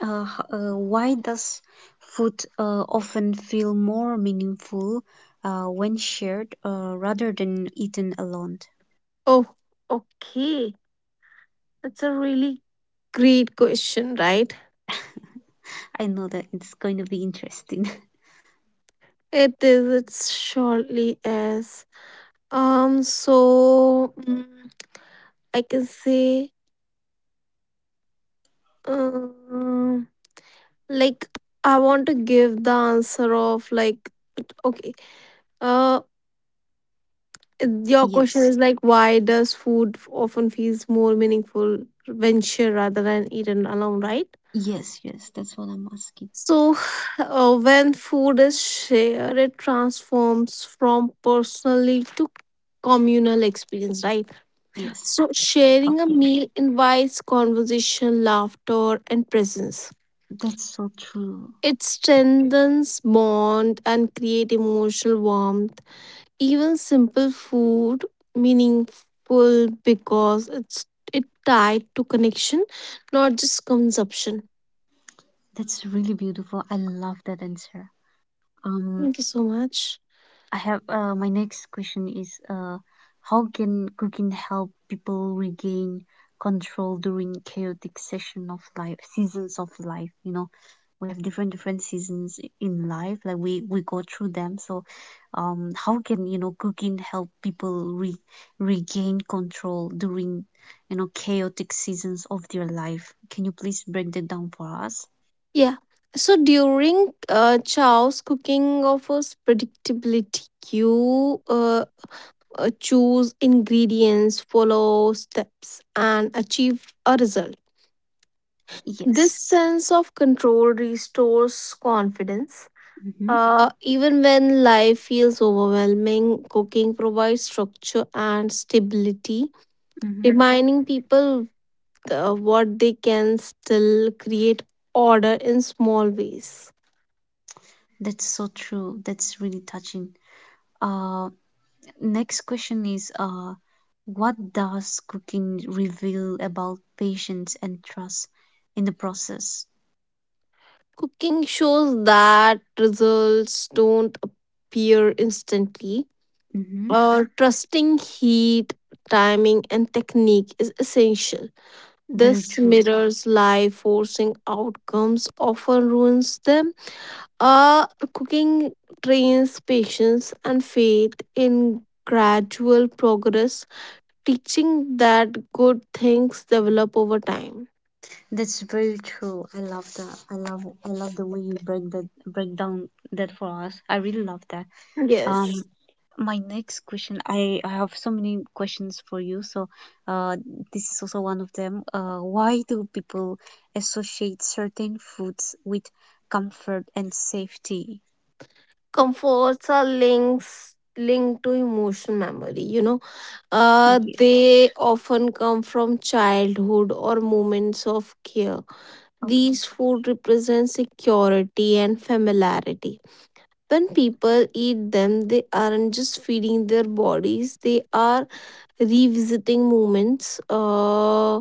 [SPEAKER 1] Why does food often feel more meaningful when shared rather than eaten alone?
[SPEAKER 2] Oh, okay. That's a really great question, right?
[SPEAKER 1] I know that it's going to be interesting.
[SPEAKER 2] It is. It's surely is. Um, so mm, I can say, um, like I want to give the answer of, like, okay. Uh, your question
[SPEAKER 1] Yes,
[SPEAKER 2] is, like, why does food often feels more meaningful when shared rather than eaten alone, right?
[SPEAKER 1] yes, yes, that's what I'm asking.
[SPEAKER 2] So when food is shared, it transforms from personally to communal experience, right?
[SPEAKER 1] Yes,
[SPEAKER 2] So sharing a
[SPEAKER 1] okay.
[SPEAKER 2] meal invites conversation, laughter, and presence.
[SPEAKER 1] That's so true.
[SPEAKER 2] It strengthens bond and create emotional warmth. Even simple food meaningful because it's it tied to connection, not just consumption.
[SPEAKER 1] That's really beautiful. I love that answer. Um,
[SPEAKER 2] Thank you so much.
[SPEAKER 1] I have my next question is how can cooking help people regain control during chaotic session of life, seasons of life? You know, we have different seasons in life, like we go through them. So, how can you know cooking help people re regain control during you know chaotic seasons of their life? Can you please break that down for us?
[SPEAKER 2] Yeah. So during Chow's, cooking offers predictability. You choose ingredients, follow steps, and achieve a result.
[SPEAKER 1] Yes.
[SPEAKER 2] This sense of control restores confidence.
[SPEAKER 1] Mm-hmm.
[SPEAKER 2] Even when life feels overwhelming, cooking provides structure and stability,
[SPEAKER 1] Mm-hmm.
[SPEAKER 2] reminding people what they can still create order in small ways.
[SPEAKER 1] That's so true. That's really touching. Uh, Next question is what does cooking reveal about patience and trust in the process?
[SPEAKER 2] Cooking shows that results don't appear instantly.
[SPEAKER 1] Mm-hmm.
[SPEAKER 2] Trusting heat, timing, and technique is essential.
[SPEAKER 1] Very
[SPEAKER 2] This
[SPEAKER 1] true.
[SPEAKER 2] mirrors life, forcing outcomes often ruins them. Uh, Cooking trains patience and faith in gradual progress, teaching that good things develop over time.
[SPEAKER 1] That's very true. I love that. I love the way you break down that for us. I really love that. Um,
[SPEAKER 2] Yes.
[SPEAKER 1] my next question. I have so many questions for you. So, uh, this is also one of them. Why do people associate certain foods with comfort and safety?
[SPEAKER 2] Comforts are links linked to emotion memory, you know. They often come from childhood or moments of care.
[SPEAKER 1] Okay,
[SPEAKER 2] These food represent security and familiarity. When people eat them, they aren't just feeding their bodies, they are revisiting moments,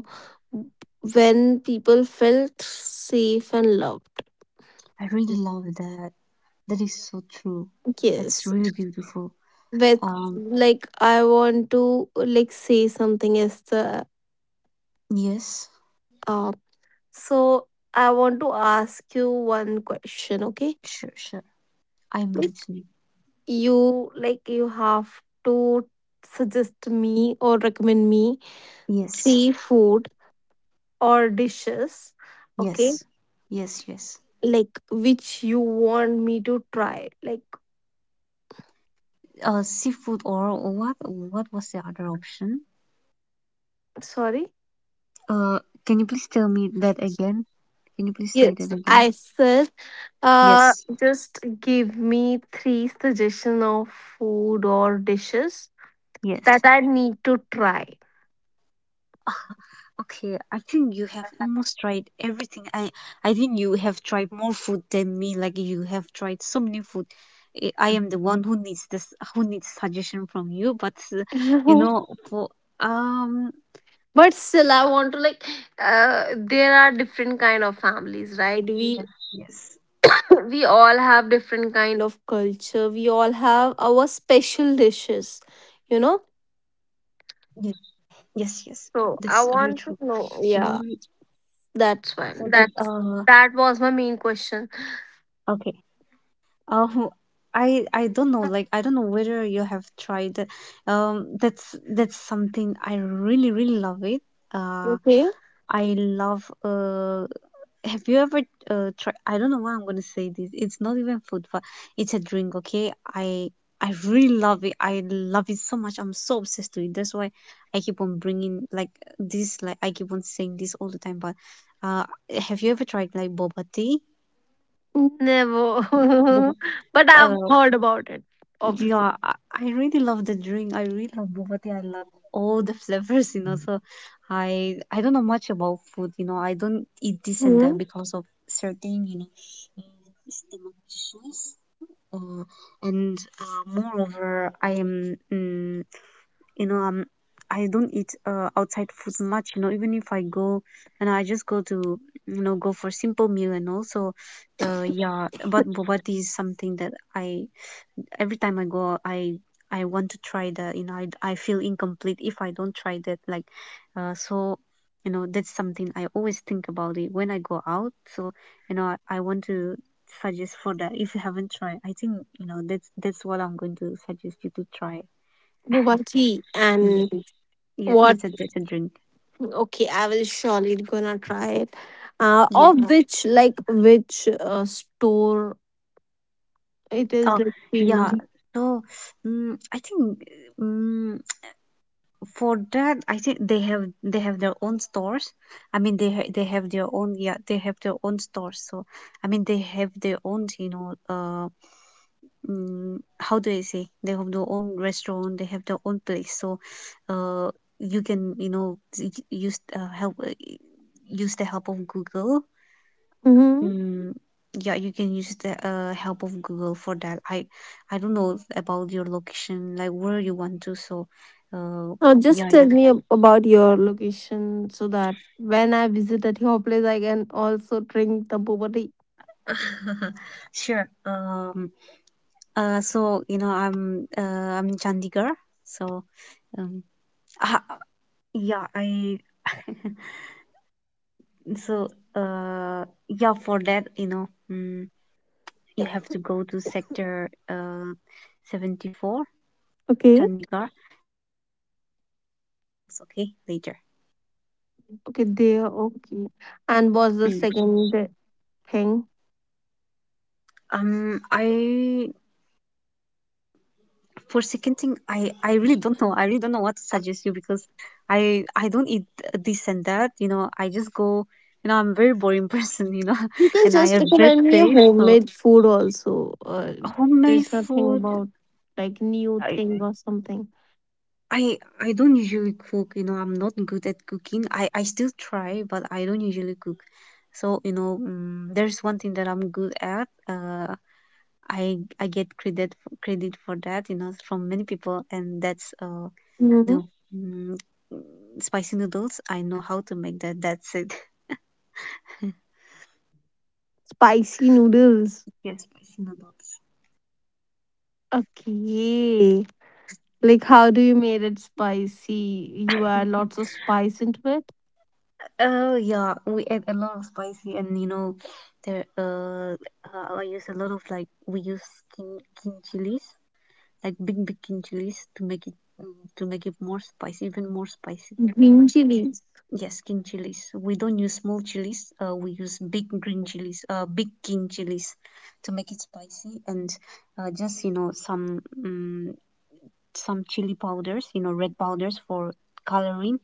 [SPEAKER 2] when people felt safe and loved.
[SPEAKER 1] I really love that. That is so true. That's
[SPEAKER 2] Yes.
[SPEAKER 1] really beautiful.
[SPEAKER 2] With
[SPEAKER 1] Um,
[SPEAKER 2] like I want to like say something, Esther.
[SPEAKER 1] yes,
[SPEAKER 2] Uh, so I want to ask you one question, okay?
[SPEAKER 1] sure, sure. I'm
[SPEAKER 2] Like
[SPEAKER 1] listening.
[SPEAKER 2] you have to suggest me or recommend me
[SPEAKER 1] Yes,
[SPEAKER 2] three food or dishes, okay?
[SPEAKER 1] yes, yes, yes.
[SPEAKER 2] Like which you want me to try. Like
[SPEAKER 1] Seafood or what? What was the other option?
[SPEAKER 2] sorry?
[SPEAKER 1] Uh, can you please tell me that again? Can you please say
[SPEAKER 2] Yes,
[SPEAKER 1] that again?
[SPEAKER 2] I said, uh,
[SPEAKER 1] Yes,
[SPEAKER 2] just give me three suggestion of food or dishes
[SPEAKER 1] yes.
[SPEAKER 2] that I need to try.
[SPEAKER 1] Okay, I think you have almost tried everything. I think you have tried more food than me. Like you have tried so many food. I am the one who needs this, who needs suggestion from you. But you know, for um,
[SPEAKER 2] But still, I want to like. There are different
[SPEAKER 1] yeah,
[SPEAKER 2] kind of
[SPEAKER 1] yes,
[SPEAKER 2] families, right? We we all have different kind of culture. We all have our special dishes,
[SPEAKER 1] yes,
[SPEAKER 2] you know.
[SPEAKER 1] yes, yes. That's very true.
[SPEAKER 2] So I
[SPEAKER 1] Mm,
[SPEAKER 2] want to know. Yeah,
[SPEAKER 1] for that,
[SPEAKER 2] that's fine. That was my main question.
[SPEAKER 1] okay. Uh, who- I don't know. Like I don't know whether you have tried. That's something I really really love it. Uh
[SPEAKER 2] Okay.
[SPEAKER 1] I love. Have you ever tried? I don't know why I'm gonna say this. It's not even food, but it's a drink. Okay, I really love it. I love it so much. I'm so obsessed to it. That's why I keep on bringing like this. Like I keep on saying this all the time. But uh, have you ever tried like boba tea? Boba.
[SPEAKER 2] Never. But I've
[SPEAKER 1] uh,
[SPEAKER 2] heard about it, obviously.
[SPEAKER 1] Yeah, I really love the drink. I really love boba tea. I love all the flavors, you know. So I don't know much about food, you know. I don't eat this and
[SPEAKER 2] Hmm,
[SPEAKER 1] that because of certain, you know, stomach issues. Uh, and Moreover, I am, mm, you know, I don't eat outside food much, you know. Even if I go and I just go to, you know, go for simple meal and also, yeah. But boba tea is something that I every time I go out, I want to try that. You know, I feel incomplete if I don't try that. Like, so you know, that's something I always think about it when I go out. So you know, I want to suggest for that if you haven't tried. I think you know that's what I'm going to suggest you to try.
[SPEAKER 2] boba tea
[SPEAKER 1] Yes,
[SPEAKER 2] and
[SPEAKER 1] yes,
[SPEAKER 2] what?
[SPEAKER 1] that's a drink.
[SPEAKER 2] Okay, I will surely gonna try it. Uh,
[SPEAKER 1] Yes.
[SPEAKER 2] or which like which store it is
[SPEAKER 1] Oh,
[SPEAKER 2] like
[SPEAKER 1] yeah.
[SPEAKER 2] famous?
[SPEAKER 1] So, mm I think. Mm for that I think they have their own stores they have their own yeah they have their own stores so I mean they have their own you know how do I say they have their own restaurant they have their own place so uh you can you know use help use the help of google
[SPEAKER 2] Mm-hmm.
[SPEAKER 1] mm, yeah you can use the help of google for that I don't know about your location like where you want to so uh
[SPEAKER 2] Just
[SPEAKER 1] yeah
[SPEAKER 2] tell
[SPEAKER 1] you
[SPEAKER 2] me about your location so that when I visit at your place, I can also drink the boba tea.
[SPEAKER 1] Sure. So you know, I'm in Chandigarh. So um, ah, yeah, I so yeah, for that you know, mm, you have to go to sector 74,
[SPEAKER 2] Okay.
[SPEAKER 1] Chandigarh. It's okay later.
[SPEAKER 2] Okay, there.
[SPEAKER 1] Mm.
[SPEAKER 2] Okay. And what's the second thing?
[SPEAKER 1] I for second thing i really don't know I really don't know what to suggest you because I don't eat this and that you know I just go you know I'm a very boring person you know
[SPEAKER 2] You
[SPEAKER 1] and
[SPEAKER 2] can
[SPEAKER 1] I have
[SPEAKER 2] just
[SPEAKER 1] bad
[SPEAKER 2] recommend me a
[SPEAKER 1] taste so
[SPEAKER 2] homemade food also.
[SPEAKER 1] homemade
[SPEAKER 2] There's nothing
[SPEAKER 1] food
[SPEAKER 2] about like new
[SPEAKER 1] i
[SPEAKER 2] thing or something.
[SPEAKER 1] I don't usually cook you know I'm not good at cooking I still try but I don't usually cook so you know there's one thing that I'm good at. I get credit for that, you know, from many people, and that's
[SPEAKER 2] Hmm.
[SPEAKER 1] No. Mm, spicy noodles. I know how to make that. That's it.
[SPEAKER 2] Spicy noodles.
[SPEAKER 1] Yes, spicy noodles.
[SPEAKER 2] Okay. Like how do you made it spicy? You add lots of
[SPEAKER 1] Mhm.
[SPEAKER 2] spice into it?
[SPEAKER 1] Oh yeah, we add a lot of spicy, and you know, there I use a lot of like we use king chilies, like big king chilies to make it mm, to make it more spicy, even more spicy.
[SPEAKER 2] Green chilies.
[SPEAKER 1] Yes, king chilies. We don't use small chilies. We use big green chilies, big king chilies, to make it spicy, and just you know some chili powders, you know, red powders for coloring.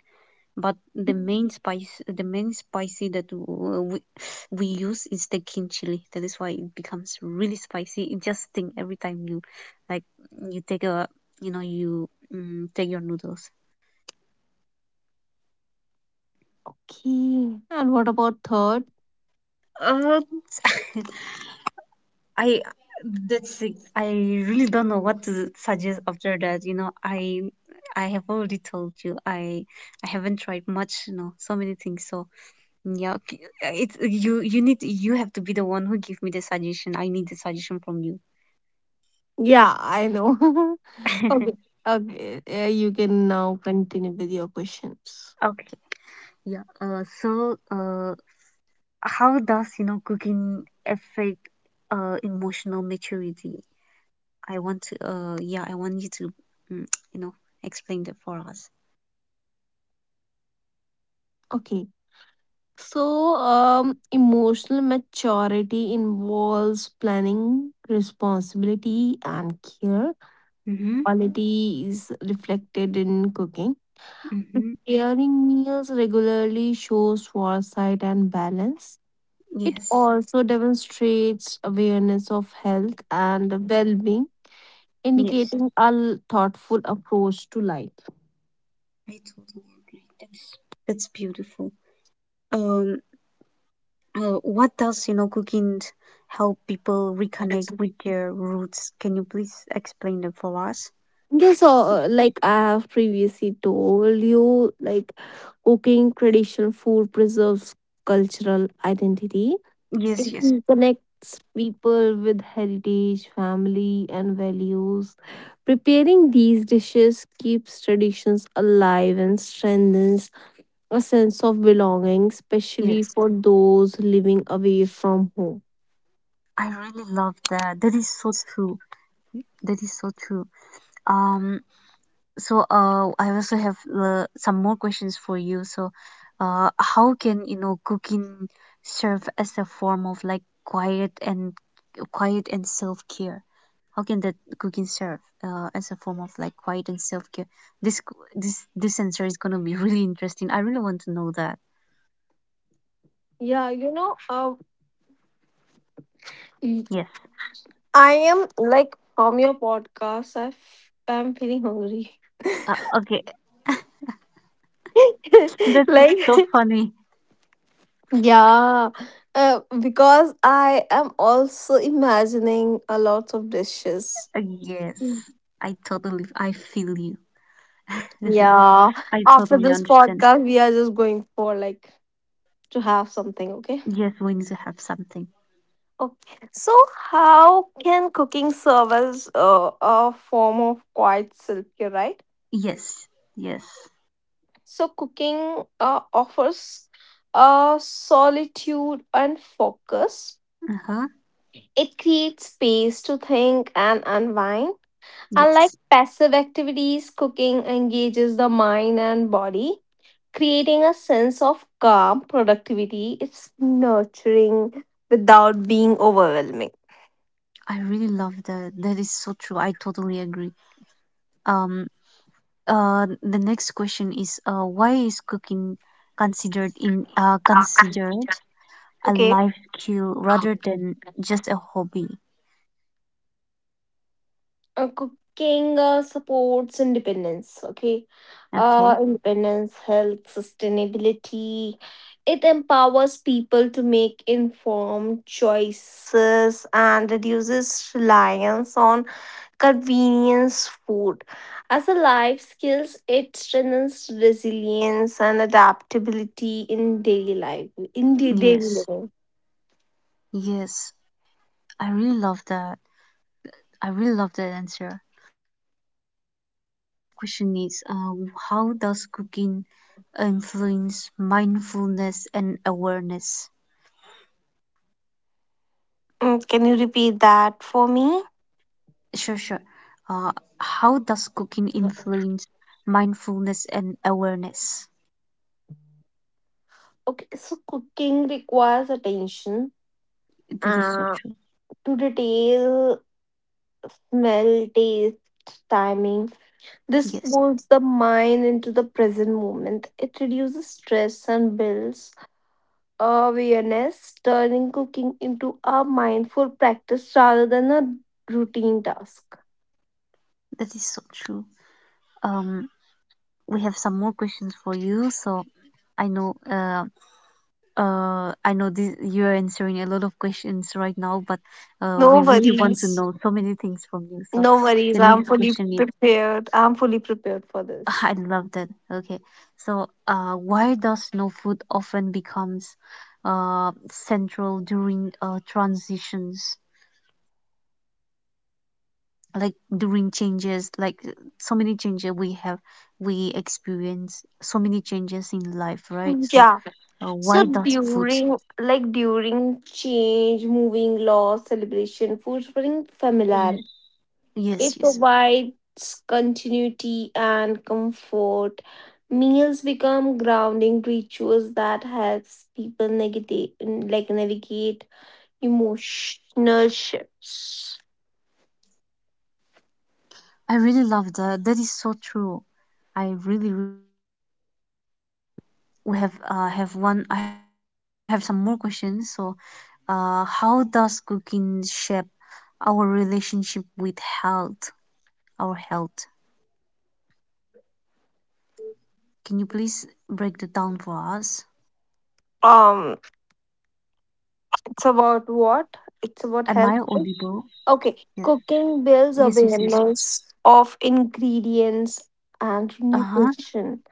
[SPEAKER 1] But the main spice, the main spicy that we, we use is the king chili. That is why it becomes really spicy. It just sting every time you, like, you take a, you know, you take your noodles.
[SPEAKER 2] Okay. And what about third?
[SPEAKER 1] Uh, I That's it. I Really don't know what to suggest after that. You know, I have already told you I haven't tried much, you know, so many things. So Yeah, it's you. You need. You have to be the one who give me the suggestion. I need the suggestion from you.
[SPEAKER 2] Yeah, I know. Okay. Okay. You can now continue with your questions.
[SPEAKER 1] Okay. Yeah. How does you know cooking affect emotional maturity? I want to. Yeah. I want you to, mm, you know, explain that for us.
[SPEAKER 2] Okay. So, emotional maturity involves planning, responsibility, and care.
[SPEAKER 1] Mm-hmm.
[SPEAKER 2] Quality is reflected in cooking.
[SPEAKER 1] Mm-hmm.
[SPEAKER 2] Preparing meals regularly shows foresight and balance. It
[SPEAKER 1] Yes.
[SPEAKER 2] also demonstrates awareness of health and well being,
[SPEAKER 1] Yes.
[SPEAKER 2] indicating a thoughtful approach to life.
[SPEAKER 1] I totally agree. That's beautiful. Um. What does, you know, cooking help people reconnect with their roots? Can you please explain them for us?
[SPEAKER 2] Yes, so, like I have previously told you, like cooking traditional food preserves cultural identity. It
[SPEAKER 1] Yes, yes,
[SPEAKER 2] mm. connects people with heritage, family, and values. Preparing these dishes keeps traditions alive and strengthens a sense of belonging, especially
[SPEAKER 1] yes.
[SPEAKER 2] for those living away from home.
[SPEAKER 1] I really love that. That is so true. That is so true. Um, I also have some more questions for you. So, how can you know cooking serve as a form of like quiet and self-care how can that cooking serve as a form of like quiet and self-care this this answer is gonna be really interesting I really want to know that
[SPEAKER 2] Yeah, you know, y-
[SPEAKER 1] yes
[SPEAKER 2] I am like from your podcast, I I'm feeling hungry.
[SPEAKER 1] okay that's
[SPEAKER 2] Like,
[SPEAKER 1] so funny
[SPEAKER 2] yeah, because I am also imagining a lot of dishes.
[SPEAKER 1] Yes
[SPEAKER 2] Mm.
[SPEAKER 1] I totally I feel you
[SPEAKER 2] Yeah,
[SPEAKER 1] I
[SPEAKER 2] after
[SPEAKER 1] totally
[SPEAKER 2] this
[SPEAKER 1] understand
[SPEAKER 2] podcast, we are just going for like to have something, okay?
[SPEAKER 1] yes we need to have something
[SPEAKER 2] Okay. So, how can cooking serve as a form of quiet self care, right?
[SPEAKER 1] yes yes
[SPEAKER 2] So, cooking offers solitude and focus.
[SPEAKER 1] uh-huh
[SPEAKER 2] It creates space to think and unwind. Unlike
[SPEAKER 1] yes
[SPEAKER 2] passive activities, cooking engages the mind and body, creating a sense of calm, productivity. It's nurturing without being overwhelming.
[SPEAKER 1] I really love that that is so true I totally agree um the next question is why is cooking considered a
[SPEAKER 2] Okay.
[SPEAKER 1] life skill rather than just a hobby
[SPEAKER 2] Cooking supports independence. Okay.
[SPEAKER 1] okay
[SPEAKER 2] Independence, health, sustainability. It empowers people to make informed choices and reduces reliance on convenience food. As a life skills, it strengthens resilience and adaptability in daily life. In the daily
[SPEAKER 1] yes
[SPEAKER 2] living.
[SPEAKER 1] yes I really love that I really love that answer question is how does cooking influence mindfulness and awareness
[SPEAKER 2] Mm, can you repeat that for me?
[SPEAKER 1] sure sure uh, how does cooking influence mindfulness and awareness
[SPEAKER 2] Okay, so cooking requires attention
[SPEAKER 1] that is so
[SPEAKER 2] uh,
[SPEAKER 1] true
[SPEAKER 2] to detail, smell, taste, timing. This
[SPEAKER 1] yes
[SPEAKER 2] pulls the mind into the present moment. It reduces stress and builds awareness, turning cooking into a mindful practice rather than a routine task.
[SPEAKER 1] That is so true. Um, we have some more questions for you. So I know, uh, I know this, you're answering a lot of questions right now, but we
[SPEAKER 2] No
[SPEAKER 1] really want to
[SPEAKER 2] worries.
[SPEAKER 1] know so many things from you. So
[SPEAKER 2] No worries.
[SPEAKER 1] the
[SPEAKER 2] I'm
[SPEAKER 1] next
[SPEAKER 2] fully
[SPEAKER 1] question is,
[SPEAKER 2] prepared. I'm fully prepared for this.
[SPEAKER 1] I love that. Okay, so why does no food often becomes central during transitions? Like during changes like so many changes we experience so many changes in life right so
[SPEAKER 2] Yeah. So
[SPEAKER 1] why does food
[SPEAKER 2] during like during change, moving, loss,
[SPEAKER 1] yes.
[SPEAKER 2] celebration, foods bring
[SPEAKER 1] Yes, yes,
[SPEAKER 2] familiarity. It provides continuity and comfort. Meals become grounding rituals that helps people negate like navigate emotional shifts.
[SPEAKER 1] I really love that. That is so true. i really re- we have one. I have some more questions. So how does cooking shape our relationship with health? Can you please break that down for us?
[SPEAKER 2] Um,
[SPEAKER 1] Am I audible?
[SPEAKER 2] it's about
[SPEAKER 1] Yes,
[SPEAKER 2] what? It's about
[SPEAKER 1] yes,
[SPEAKER 2] health,
[SPEAKER 1] yes.
[SPEAKER 2] right?
[SPEAKER 1] Yes.
[SPEAKER 2] Okay, cooking builds awareness of
[SPEAKER 1] Uh-huh.
[SPEAKER 2] ingredients and nutrition.
[SPEAKER 1] Yes.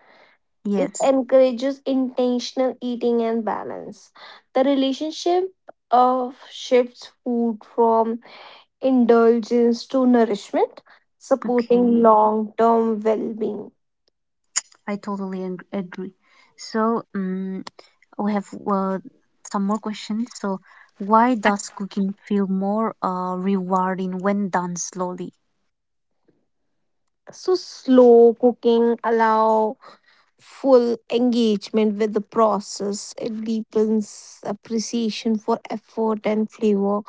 [SPEAKER 2] It encourages intentional eating and balance. The relationship of shifts food from indulgence to nourishment,
[SPEAKER 1] Okay,
[SPEAKER 2] supporting long-term well-being.
[SPEAKER 1] I totally agree. So, we have some more questions. So, why does cooking feel more rewarding when done slowly?
[SPEAKER 2] So slow cooking allow full engagement with the process. It deepens appreciation for effort and flavor.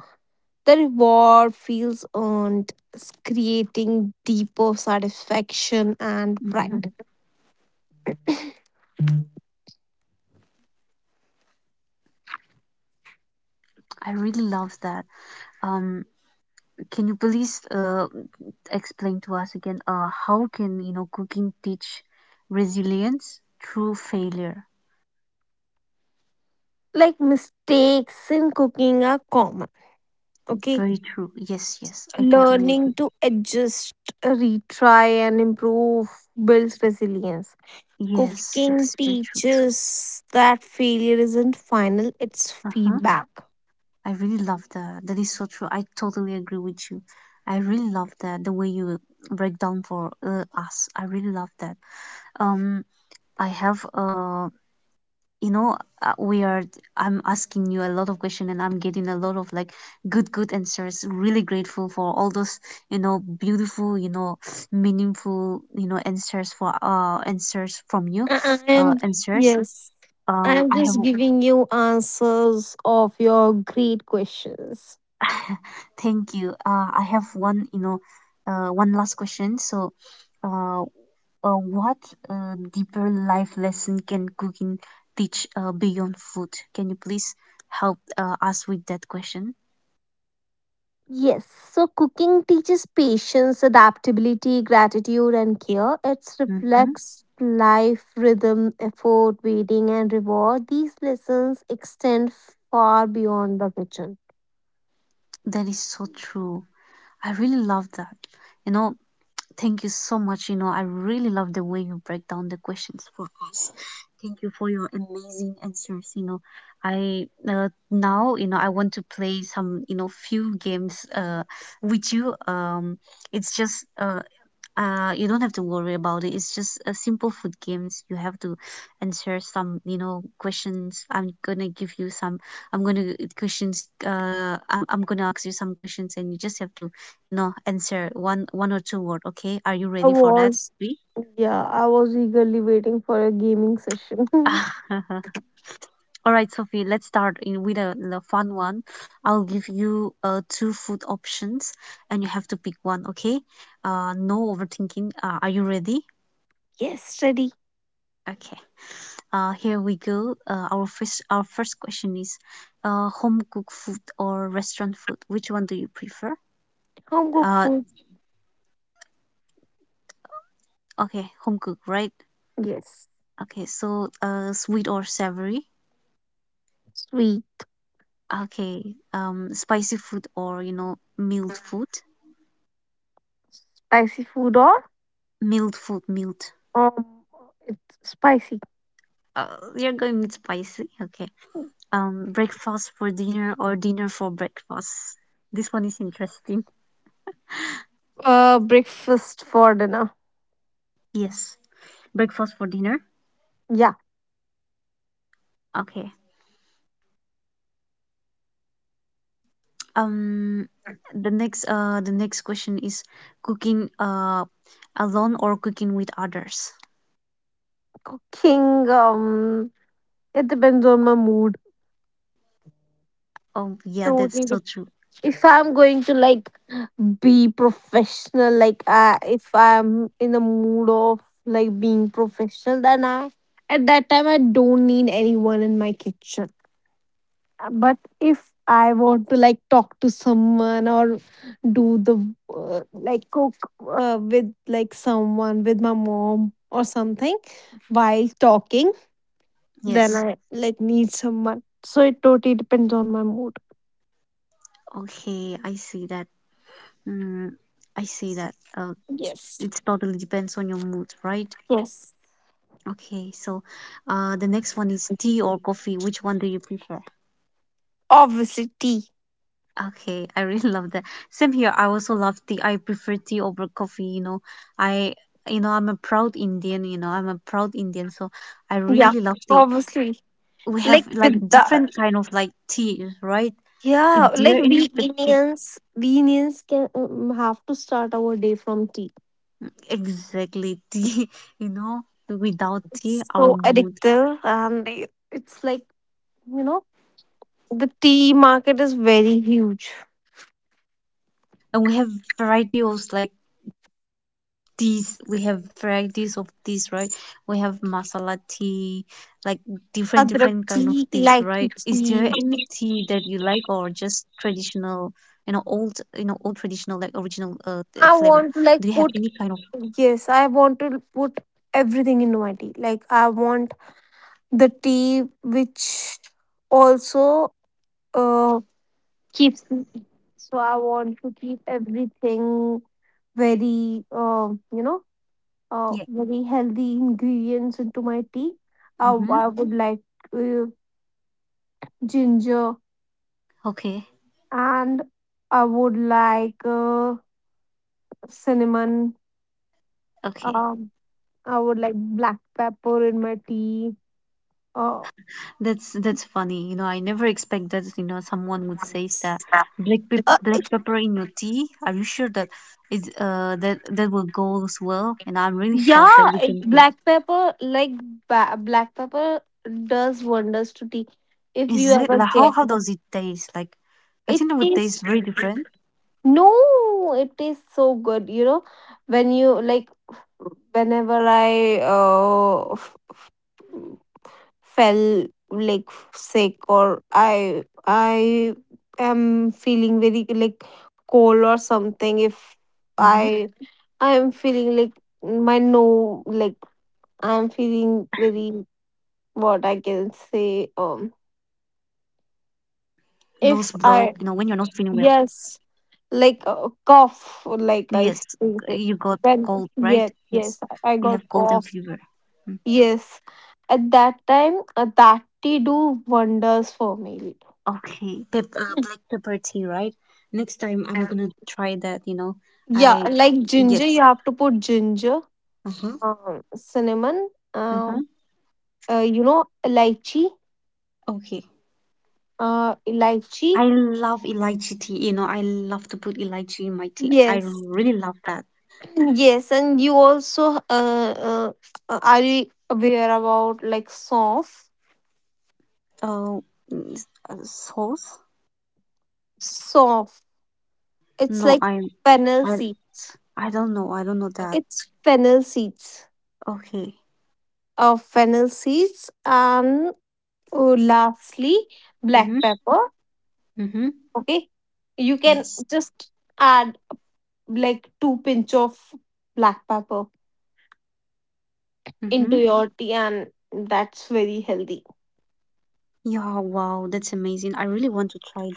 [SPEAKER 2] The reward feels earned, creating deeper satisfaction and
[SPEAKER 1] Hmm.
[SPEAKER 2] pride.
[SPEAKER 1] I really love that. Um, can you please explain to us again how can cooking teach resilience through failure?
[SPEAKER 2] Like mistakes in cooking are common, okay?
[SPEAKER 1] Very true. Yes, yes, I totally
[SPEAKER 2] Learning
[SPEAKER 1] agree.
[SPEAKER 2] to adjust, retry, and improve builds resilience.
[SPEAKER 1] Yes, that
[SPEAKER 2] Cooking
[SPEAKER 1] is very true.
[SPEAKER 2] teaches that failure isn't final, it's
[SPEAKER 1] Uh-huh.
[SPEAKER 2] feedback.
[SPEAKER 1] I really love that. That is so true. I totally agree with you. I really love that, the way you break down for us. I really love that. Um, I have you know, we are. I'm asking you a lot of questions, and I'm getting a lot of like good, good answers. Really grateful for all those, beautiful, meaningful, answers for answers from you,
[SPEAKER 2] I
[SPEAKER 1] uh
[SPEAKER 2] am
[SPEAKER 1] answers.
[SPEAKER 2] yes. I am
[SPEAKER 1] I have
[SPEAKER 2] just giving you answers of your great questions.
[SPEAKER 1] Thank you. I have one, one last question. So, uh, what deeper life lesson can cooking teach beyond food? Can you please help us with that question?
[SPEAKER 2] Yes, so cooking teaches patience, adaptability, gratitude, and care. It
[SPEAKER 1] Mm-hmm.
[SPEAKER 2] reflects life, rhythm, effort, waiting, and reward. These lessons extend far beyond the kitchen.
[SPEAKER 1] That is so true. I really love that. You know, thank you so much. You know, I really love the way you break down the questions for us. Thank you for your amazing answers. You know, I now, you know, I want to play some, you know, few games with you. It's just you don't have to worry about it. It's just a simple food games. You have to answer some, you know, questions. I'm gonna give you some I'm gonna ask you some questions, and you just have to, you know, answer one or two word, okay? Are you
[SPEAKER 2] I
[SPEAKER 1] ready for that?
[SPEAKER 2] was,
[SPEAKER 1] Me?
[SPEAKER 2] yeah, I was eagerly waiting for a gaming session.
[SPEAKER 1] All right, Sophie, let's start in with the fun one. I'll give you two food options, and you have to pick one, okay? No overthinking. Are you ready?
[SPEAKER 2] Yes, ready.
[SPEAKER 1] Okay. Here we go. Our first question is, home cooked food or restaurant food? Which one do you prefer?
[SPEAKER 2] Home cooked
[SPEAKER 1] Uh,
[SPEAKER 2] food.
[SPEAKER 1] okay, home cook, right?
[SPEAKER 2] Yes,
[SPEAKER 1] Okay, so sweet or savory?
[SPEAKER 2] sweet,
[SPEAKER 1] Okay, spicy food or, you know, mild food?
[SPEAKER 2] spicy food or
[SPEAKER 1] Mild food, mild.
[SPEAKER 2] um, it's spicy.
[SPEAKER 1] Uh, you're going with spicy. Okay. Breakfast for dinner or dinner for breakfast? This one is interesting.
[SPEAKER 2] Breakfast for dinner.
[SPEAKER 1] Yes, breakfast for dinner.
[SPEAKER 2] Yeah,
[SPEAKER 1] Okay. Um, the next question is cooking alone or cooking with others.
[SPEAKER 2] cooking. It depends on my mood.
[SPEAKER 1] Oh yeah,
[SPEAKER 2] Totally
[SPEAKER 1] that's so true.
[SPEAKER 2] if I'm going to like be professional, like if I'm in the mood of like being professional, then I at that time I don't need anyone in my kitchen. But if I want to like talk to someone or do the like cook with like someone with my mom or something while talking,
[SPEAKER 1] Yes.
[SPEAKER 2] then I like need someone. So it totally depends on my mood.
[SPEAKER 1] Okay, I see that. Mm, I see that.
[SPEAKER 2] Yes.
[SPEAKER 1] It totally depends on your mood, right?
[SPEAKER 2] Yes.
[SPEAKER 1] Okay, so the next one is tea or coffee. Which one do you prefer?
[SPEAKER 2] Obviously, tea.
[SPEAKER 1] Okay, I really love that. Same here. I also love tea. I prefer tea over coffee, you know. I I'm a proud Indian, you know. I'm a proud Indian, so I
[SPEAKER 2] Yeah,
[SPEAKER 1] really love tea.
[SPEAKER 2] obviously.
[SPEAKER 1] We have
[SPEAKER 2] Like
[SPEAKER 1] like
[SPEAKER 2] with
[SPEAKER 1] different
[SPEAKER 2] the,
[SPEAKER 1] kind of like tea, right? Is
[SPEAKER 2] yeah,
[SPEAKER 1] there
[SPEAKER 2] like
[SPEAKER 1] any
[SPEAKER 2] we
[SPEAKER 1] specific
[SPEAKER 2] Indians, we Indians can have to start our day from tea.
[SPEAKER 1] exactly tea, you know? Without tea,
[SPEAKER 2] It's
[SPEAKER 1] our
[SPEAKER 2] so
[SPEAKER 1] mood.
[SPEAKER 2] addictive, and it's like you know the tea market is very huge.
[SPEAKER 1] And we have variety of like teas. We have varieties of teas, right? We have masala tea, like different kind of teas, right? Is there any tea that you like,
[SPEAKER 2] Adrak
[SPEAKER 1] or
[SPEAKER 2] tea,
[SPEAKER 1] just
[SPEAKER 2] ilaiki tea.
[SPEAKER 1] traditional, you know, old, you know, old traditional, like original flavor? Do you have any kind of
[SPEAKER 2] I want to like put yes, I want to put everything into my tea. Like I want the tea which also uh, keeps me- so I want to keep everything very you know
[SPEAKER 1] yeah?
[SPEAKER 2] very healthy ingredients into my tea.
[SPEAKER 1] Mm-hmm.
[SPEAKER 2] i, I would like uh, ginger
[SPEAKER 1] Okay.
[SPEAKER 2] and I would like cinnamon,
[SPEAKER 1] Okay.
[SPEAKER 2] um, I would like black pepper in my tea. uh,
[SPEAKER 1] That's funny. You know, I never expected, you know, someone would say that black pepper in your tea. Are you sure that is that that will go as well? And I'm really shocked that
[SPEAKER 2] Yeah,
[SPEAKER 1] we
[SPEAKER 2] it,
[SPEAKER 1] can put.
[SPEAKER 2] black pepper, like black pepper, does wonders to tea. If you
[SPEAKER 1] Is it
[SPEAKER 2] ever
[SPEAKER 1] like
[SPEAKER 2] get
[SPEAKER 1] how does it taste? Like, I
[SPEAKER 2] it
[SPEAKER 1] think it would
[SPEAKER 2] tastes
[SPEAKER 1] taste very different.
[SPEAKER 2] no, it tastes so good. You know, when you like, whenever I fell like sick or I am feeling very like cold or
[SPEAKER 1] Mhm.
[SPEAKER 2] something. If I I am feeling like my no like I am feeling very what I can say.
[SPEAKER 1] Nose block, you know, when you're not feeling well.
[SPEAKER 2] If I yes, like a cough,
[SPEAKER 1] Yes,
[SPEAKER 2] like I
[SPEAKER 1] you
[SPEAKER 2] can
[SPEAKER 1] got
[SPEAKER 2] say
[SPEAKER 1] cold,
[SPEAKER 2] when
[SPEAKER 1] right?
[SPEAKER 2] yes,
[SPEAKER 1] Yes,
[SPEAKER 2] yes,
[SPEAKER 1] you have
[SPEAKER 2] I
[SPEAKER 1] cold
[SPEAKER 2] got
[SPEAKER 1] and fever.
[SPEAKER 2] cough.
[SPEAKER 1] Mm.
[SPEAKER 2] Yes, at that time, that tea do wonders for me.
[SPEAKER 1] Okay, Pep black pepper tea, right? Next time I'm gonna try that, you know.
[SPEAKER 2] Yeah,
[SPEAKER 1] I,
[SPEAKER 2] like ginger,
[SPEAKER 1] yes.
[SPEAKER 2] you have to put ginger,
[SPEAKER 1] Uh-huh.
[SPEAKER 2] cinnamon,
[SPEAKER 1] Uh-huh.
[SPEAKER 2] um, you know, lychee,
[SPEAKER 1] Okay. I
[SPEAKER 2] lychee.
[SPEAKER 1] love elaichi tea, you know, I love to put elaichi in my tea. I
[SPEAKER 2] Yes,
[SPEAKER 1] really love that.
[SPEAKER 2] yes, and you also are you aware about like soft
[SPEAKER 1] Oh, mm, sauce?
[SPEAKER 2] soft? It's
[SPEAKER 1] No,
[SPEAKER 2] like
[SPEAKER 1] I,
[SPEAKER 2] fennel
[SPEAKER 1] I,
[SPEAKER 2] seeds.
[SPEAKER 1] I don't know. I don't know that.
[SPEAKER 2] It's fennel seeds.
[SPEAKER 1] Okay.
[SPEAKER 2] Fennel seeds and
[SPEAKER 1] Mm-hmm.
[SPEAKER 2] lastly black
[SPEAKER 1] Mm-hmm.
[SPEAKER 2] pepper.
[SPEAKER 1] Yes.
[SPEAKER 2] Okay, you can just add like two pinch of black pepper
[SPEAKER 1] Mm-hmm.
[SPEAKER 2] into your tea, and that's very healthy.
[SPEAKER 1] Yeah, wow, that's amazing. I really want to try that.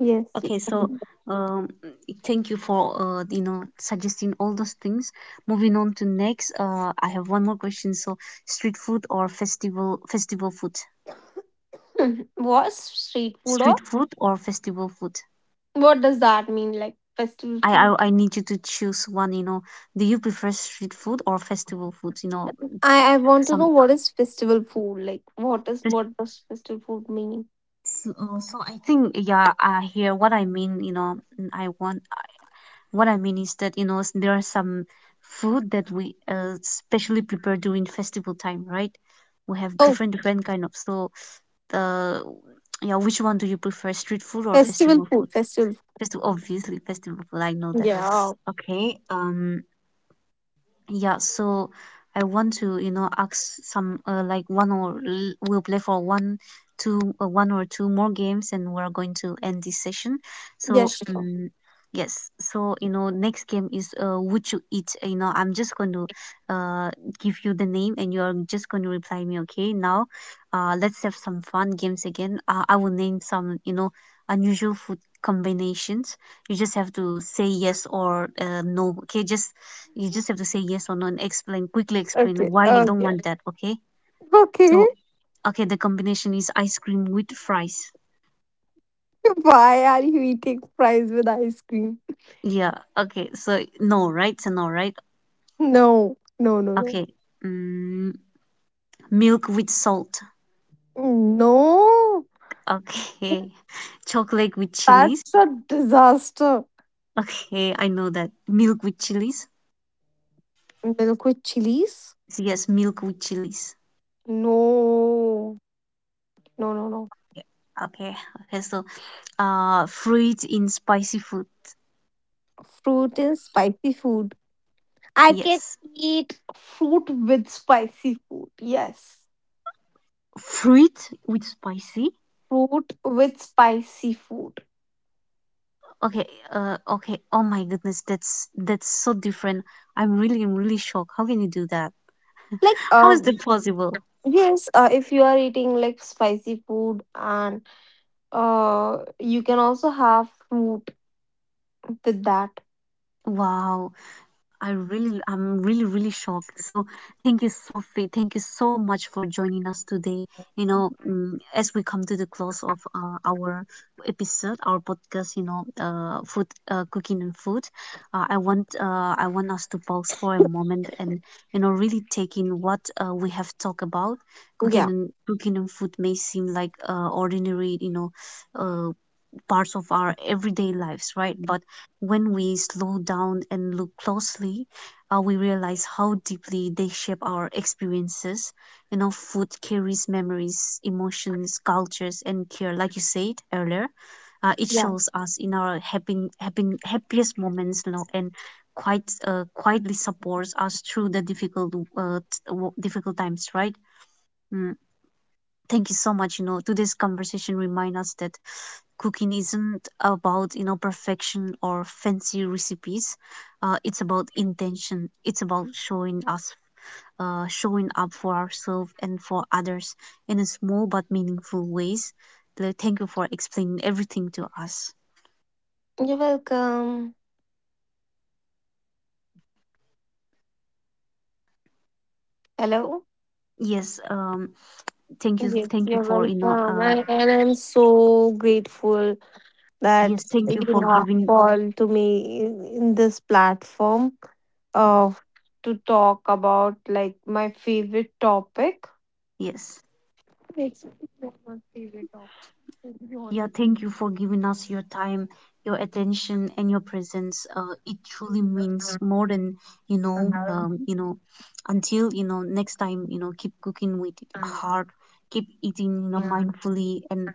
[SPEAKER 2] Yes.
[SPEAKER 1] Okay, so um thank you for uh, you know, suggesting all those things. Moving on to next, uh, I have one more question. So street food or festival food?
[SPEAKER 2] Hmm, was street food or
[SPEAKER 1] Street food or festival food?
[SPEAKER 2] what does that mean? Like festival food?
[SPEAKER 1] I need you to choose one, you know. Do you prefer street food or festival food? You know,
[SPEAKER 2] I want to know
[SPEAKER 1] some
[SPEAKER 2] what is festival food? Like what is
[SPEAKER 1] fes-
[SPEAKER 2] what does festival food mean?
[SPEAKER 1] so, so I think yeah, I hear what I mean, you know, I want what I mean is that, you know, there are some food that we specially prepare during festival time, right? We have
[SPEAKER 2] Oh,
[SPEAKER 1] different kind of so uh yeah, which one do you prefer, street food or
[SPEAKER 2] festival
[SPEAKER 1] festival
[SPEAKER 2] food,
[SPEAKER 1] food?
[SPEAKER 2] festival
[SPEAKER 1] Festival, obviously festival food. I know
[SPEAKER 2] food.
[SPEAKER 1] that.
[SPEAKER 2] Yeah.
[SPEAKER 1] Okay. Yeah, so I want to, you know, ask some like we'll play for one or two more games, and we're going to end this session.
[SPEAKER 2] Yeah,
[SPEAKER 1] So,
[SPEAKER 2] sure.
[SPEAKER 1] yes, so you know, next game is, would you eat? You know, I'm just going to uh give you the name, and you're just going to reply me. Okay, now, let's have some fun games again. I will name some, you know, unusual food combinations. You just have to say yes or no, okay? Just you just have to say yes or no and explain quickly,
[SPEAKER 2] Okay.
[SPEAKER 1] explain why you don't
[SPEAKER 2] Okay.
[SPEAKER 1] want that, okay?
[SPEAKER 2] Okay.
[SPEAKER 1] So okay, the combination is ice cream with fries.
[SPEAKER 2] Why are you eating fries with ice cream?
[SPEAKER 1] Yeah, okay, so no, right? So no, right?
[SPEAKER 2] No. No, no, no.
[SPEAKER 1] Okay. Mm, milk with salt.
[SPEAKER 2] No.
[SPEAKER 1] Okay. Chocolate with
[SPEAKER 2] That's a
[SPEAKER 1] chilies.
[SPEAKER 2] disaster.
[SPEAKER 1] Okay, I know that. Milk with chilies?
[SPEAKER 2] Milk with chilies?
[SPEAKER 1] Yes, milk with chilies.
[SPEAKER 2] No.
[SPEAKER 1] Yeah.
[SPEAKER 2] No, no, no.
[SPEAKER 1] Okay. Okay, so uh, fruit in spicy food?
[SPEAKER 2] Fruit and spicy food.
[SPEAKER 1] Yes,
[SPEAKER 2] I can eat fruit with spicy food. Yes.
[SPEAKER 1] fruit with spicy.
[SPEAKER 2] Fruit with spicy food.
[SPEAKER 1] Okay. Uh okay, oh my goodness, that's so different. I'm really, I'm really shocked. How can you do that?
[SPEAKER 2] Like
[SPEAKER 1] How is that possible?
[SPEAKER 2] yes, if you are eating like spicy food and Uh, you can also have fruit with that.
[SPEAKER 1] Wow. I really, I'm really, really shocked. So, thank you, Sophie. Thank you so much for joining us today. You know, mm, as we come to the close of our episode, our podcast, you know, food, cooking and food, I want us to pause for a moment and, you know, really take in what we have talked about.
[SPEAKER 2] Yeah.
[SPEAKER 1] Cooking and food may seem like ordinary, you know, uh, parts of our everyday lives, right? But when we slow down and look closely, we realize how deeply they shape our experiences. You know, food carries memories, emotions, cultures, and care, like you said earlier. It
[SPEAKER 2] Yeah.
[SPEAKER 1] shows us in our happiest moments, you know, and quite quietly supports us through the difficult, difficult times, right? Hmm. Thank you so much. You know, today's conversation reminds us that cooking isn't about, you know, perfection or fancy recipes. It's about intention. It's about showing us, showing up for ourselves and for others in a small but meaningful ways. Like, thank you for explaining everything to us.
[SPEAKER 2] You're welcome. Hello.
[SPEAKER 1] Yes. Thank you.
[SPEAKER 2] Yes,
[SPEAKER 1] Thank you
[SPEAKER 2] you're
[SPEAKER 1] for you know.
[SPEAKER 2] welcome. And I'm so grateful that
[SPEAKER 1] Yes. Thank you
[SPEAKER 2] you
[SPEAKER 1] for
[SPEAKER 2] have
[SPEAKER 1] giving.
[SPEAKER 2] called to me in this platform uh, to talk about like my favorite topic.
[SPEAKER 1] Yes.
[SPEAKER 2] It's not my favorite topic, to be
[SPEAKER 1] Yeah,
[SPEAKER 2] honest.
[SPEAKER 1] thank you for giving us your time, your attention, and your presence. It truly means more than you know. You know, until you know next time, you know, keep cooking with heart, keep eating, you know, mindfully, and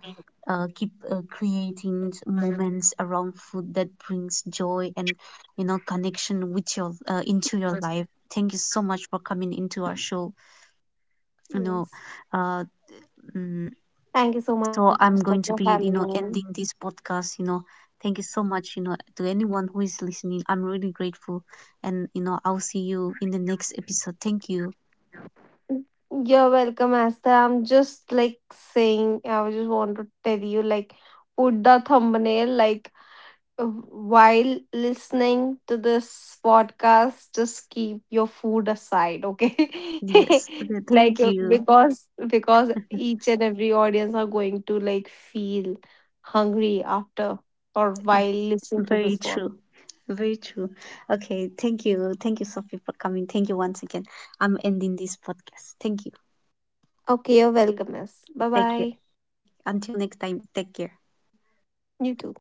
[SPEAKER 1] keep creating moments around food that brings joy and, you know, connection with your into your life. Thank you so much for coming into our show. You know,
[SPEAKER 2] Yes.
[SPEAKER 1] uh, mm,
[SPEAKER 2] Thank you so
[SPEAKER 1] so
[SPEAKER 2] much,
[SPEAKER 1] I'm
[SPEAKER 2] Asta,
[SPEAKER 1] going to
[SPEAKER 2] for
[SPEAKER 1] be, you
[SPEAKER 2] having
[SPEAKER 1] know,
[SPEAKER 2] me.
[SPEAKER 1] ending this podcast. You know, thank you so much, you know, to anyone who is listening. I'm really grateful. And, you know, I'll see you in the next episode. Thank you.
[SPEAKER 2] You're welcome, Asta. I'm just like saying, I just want to tell you, like, put the thumbnail, like, while listening to this podcast just keep your food aside okay
[SPEAKER 1] Yes. Okay.
[SPEAKER 2] like
[SPEAKER 1] Thank you.
[SPEAKER 2] because each and every audience are going to like feel hungry after or while listening to
[SPEAKER 1] Very
[SPEAKER 2] this pod.
[SPEAKER 1] true. Very true. Okay. Thank you. Thank you, Sophie, for coming. Thank you once again. I'm ending this podcast. Thank you.
[SPEAKER 2] Okay, you're welcome miss, bye
[SPEAKER 1] Take care.
[SPEAKER 2] bye.
[SPEAKER 1] Until next time, take care.
[SPEAKER 2] You too.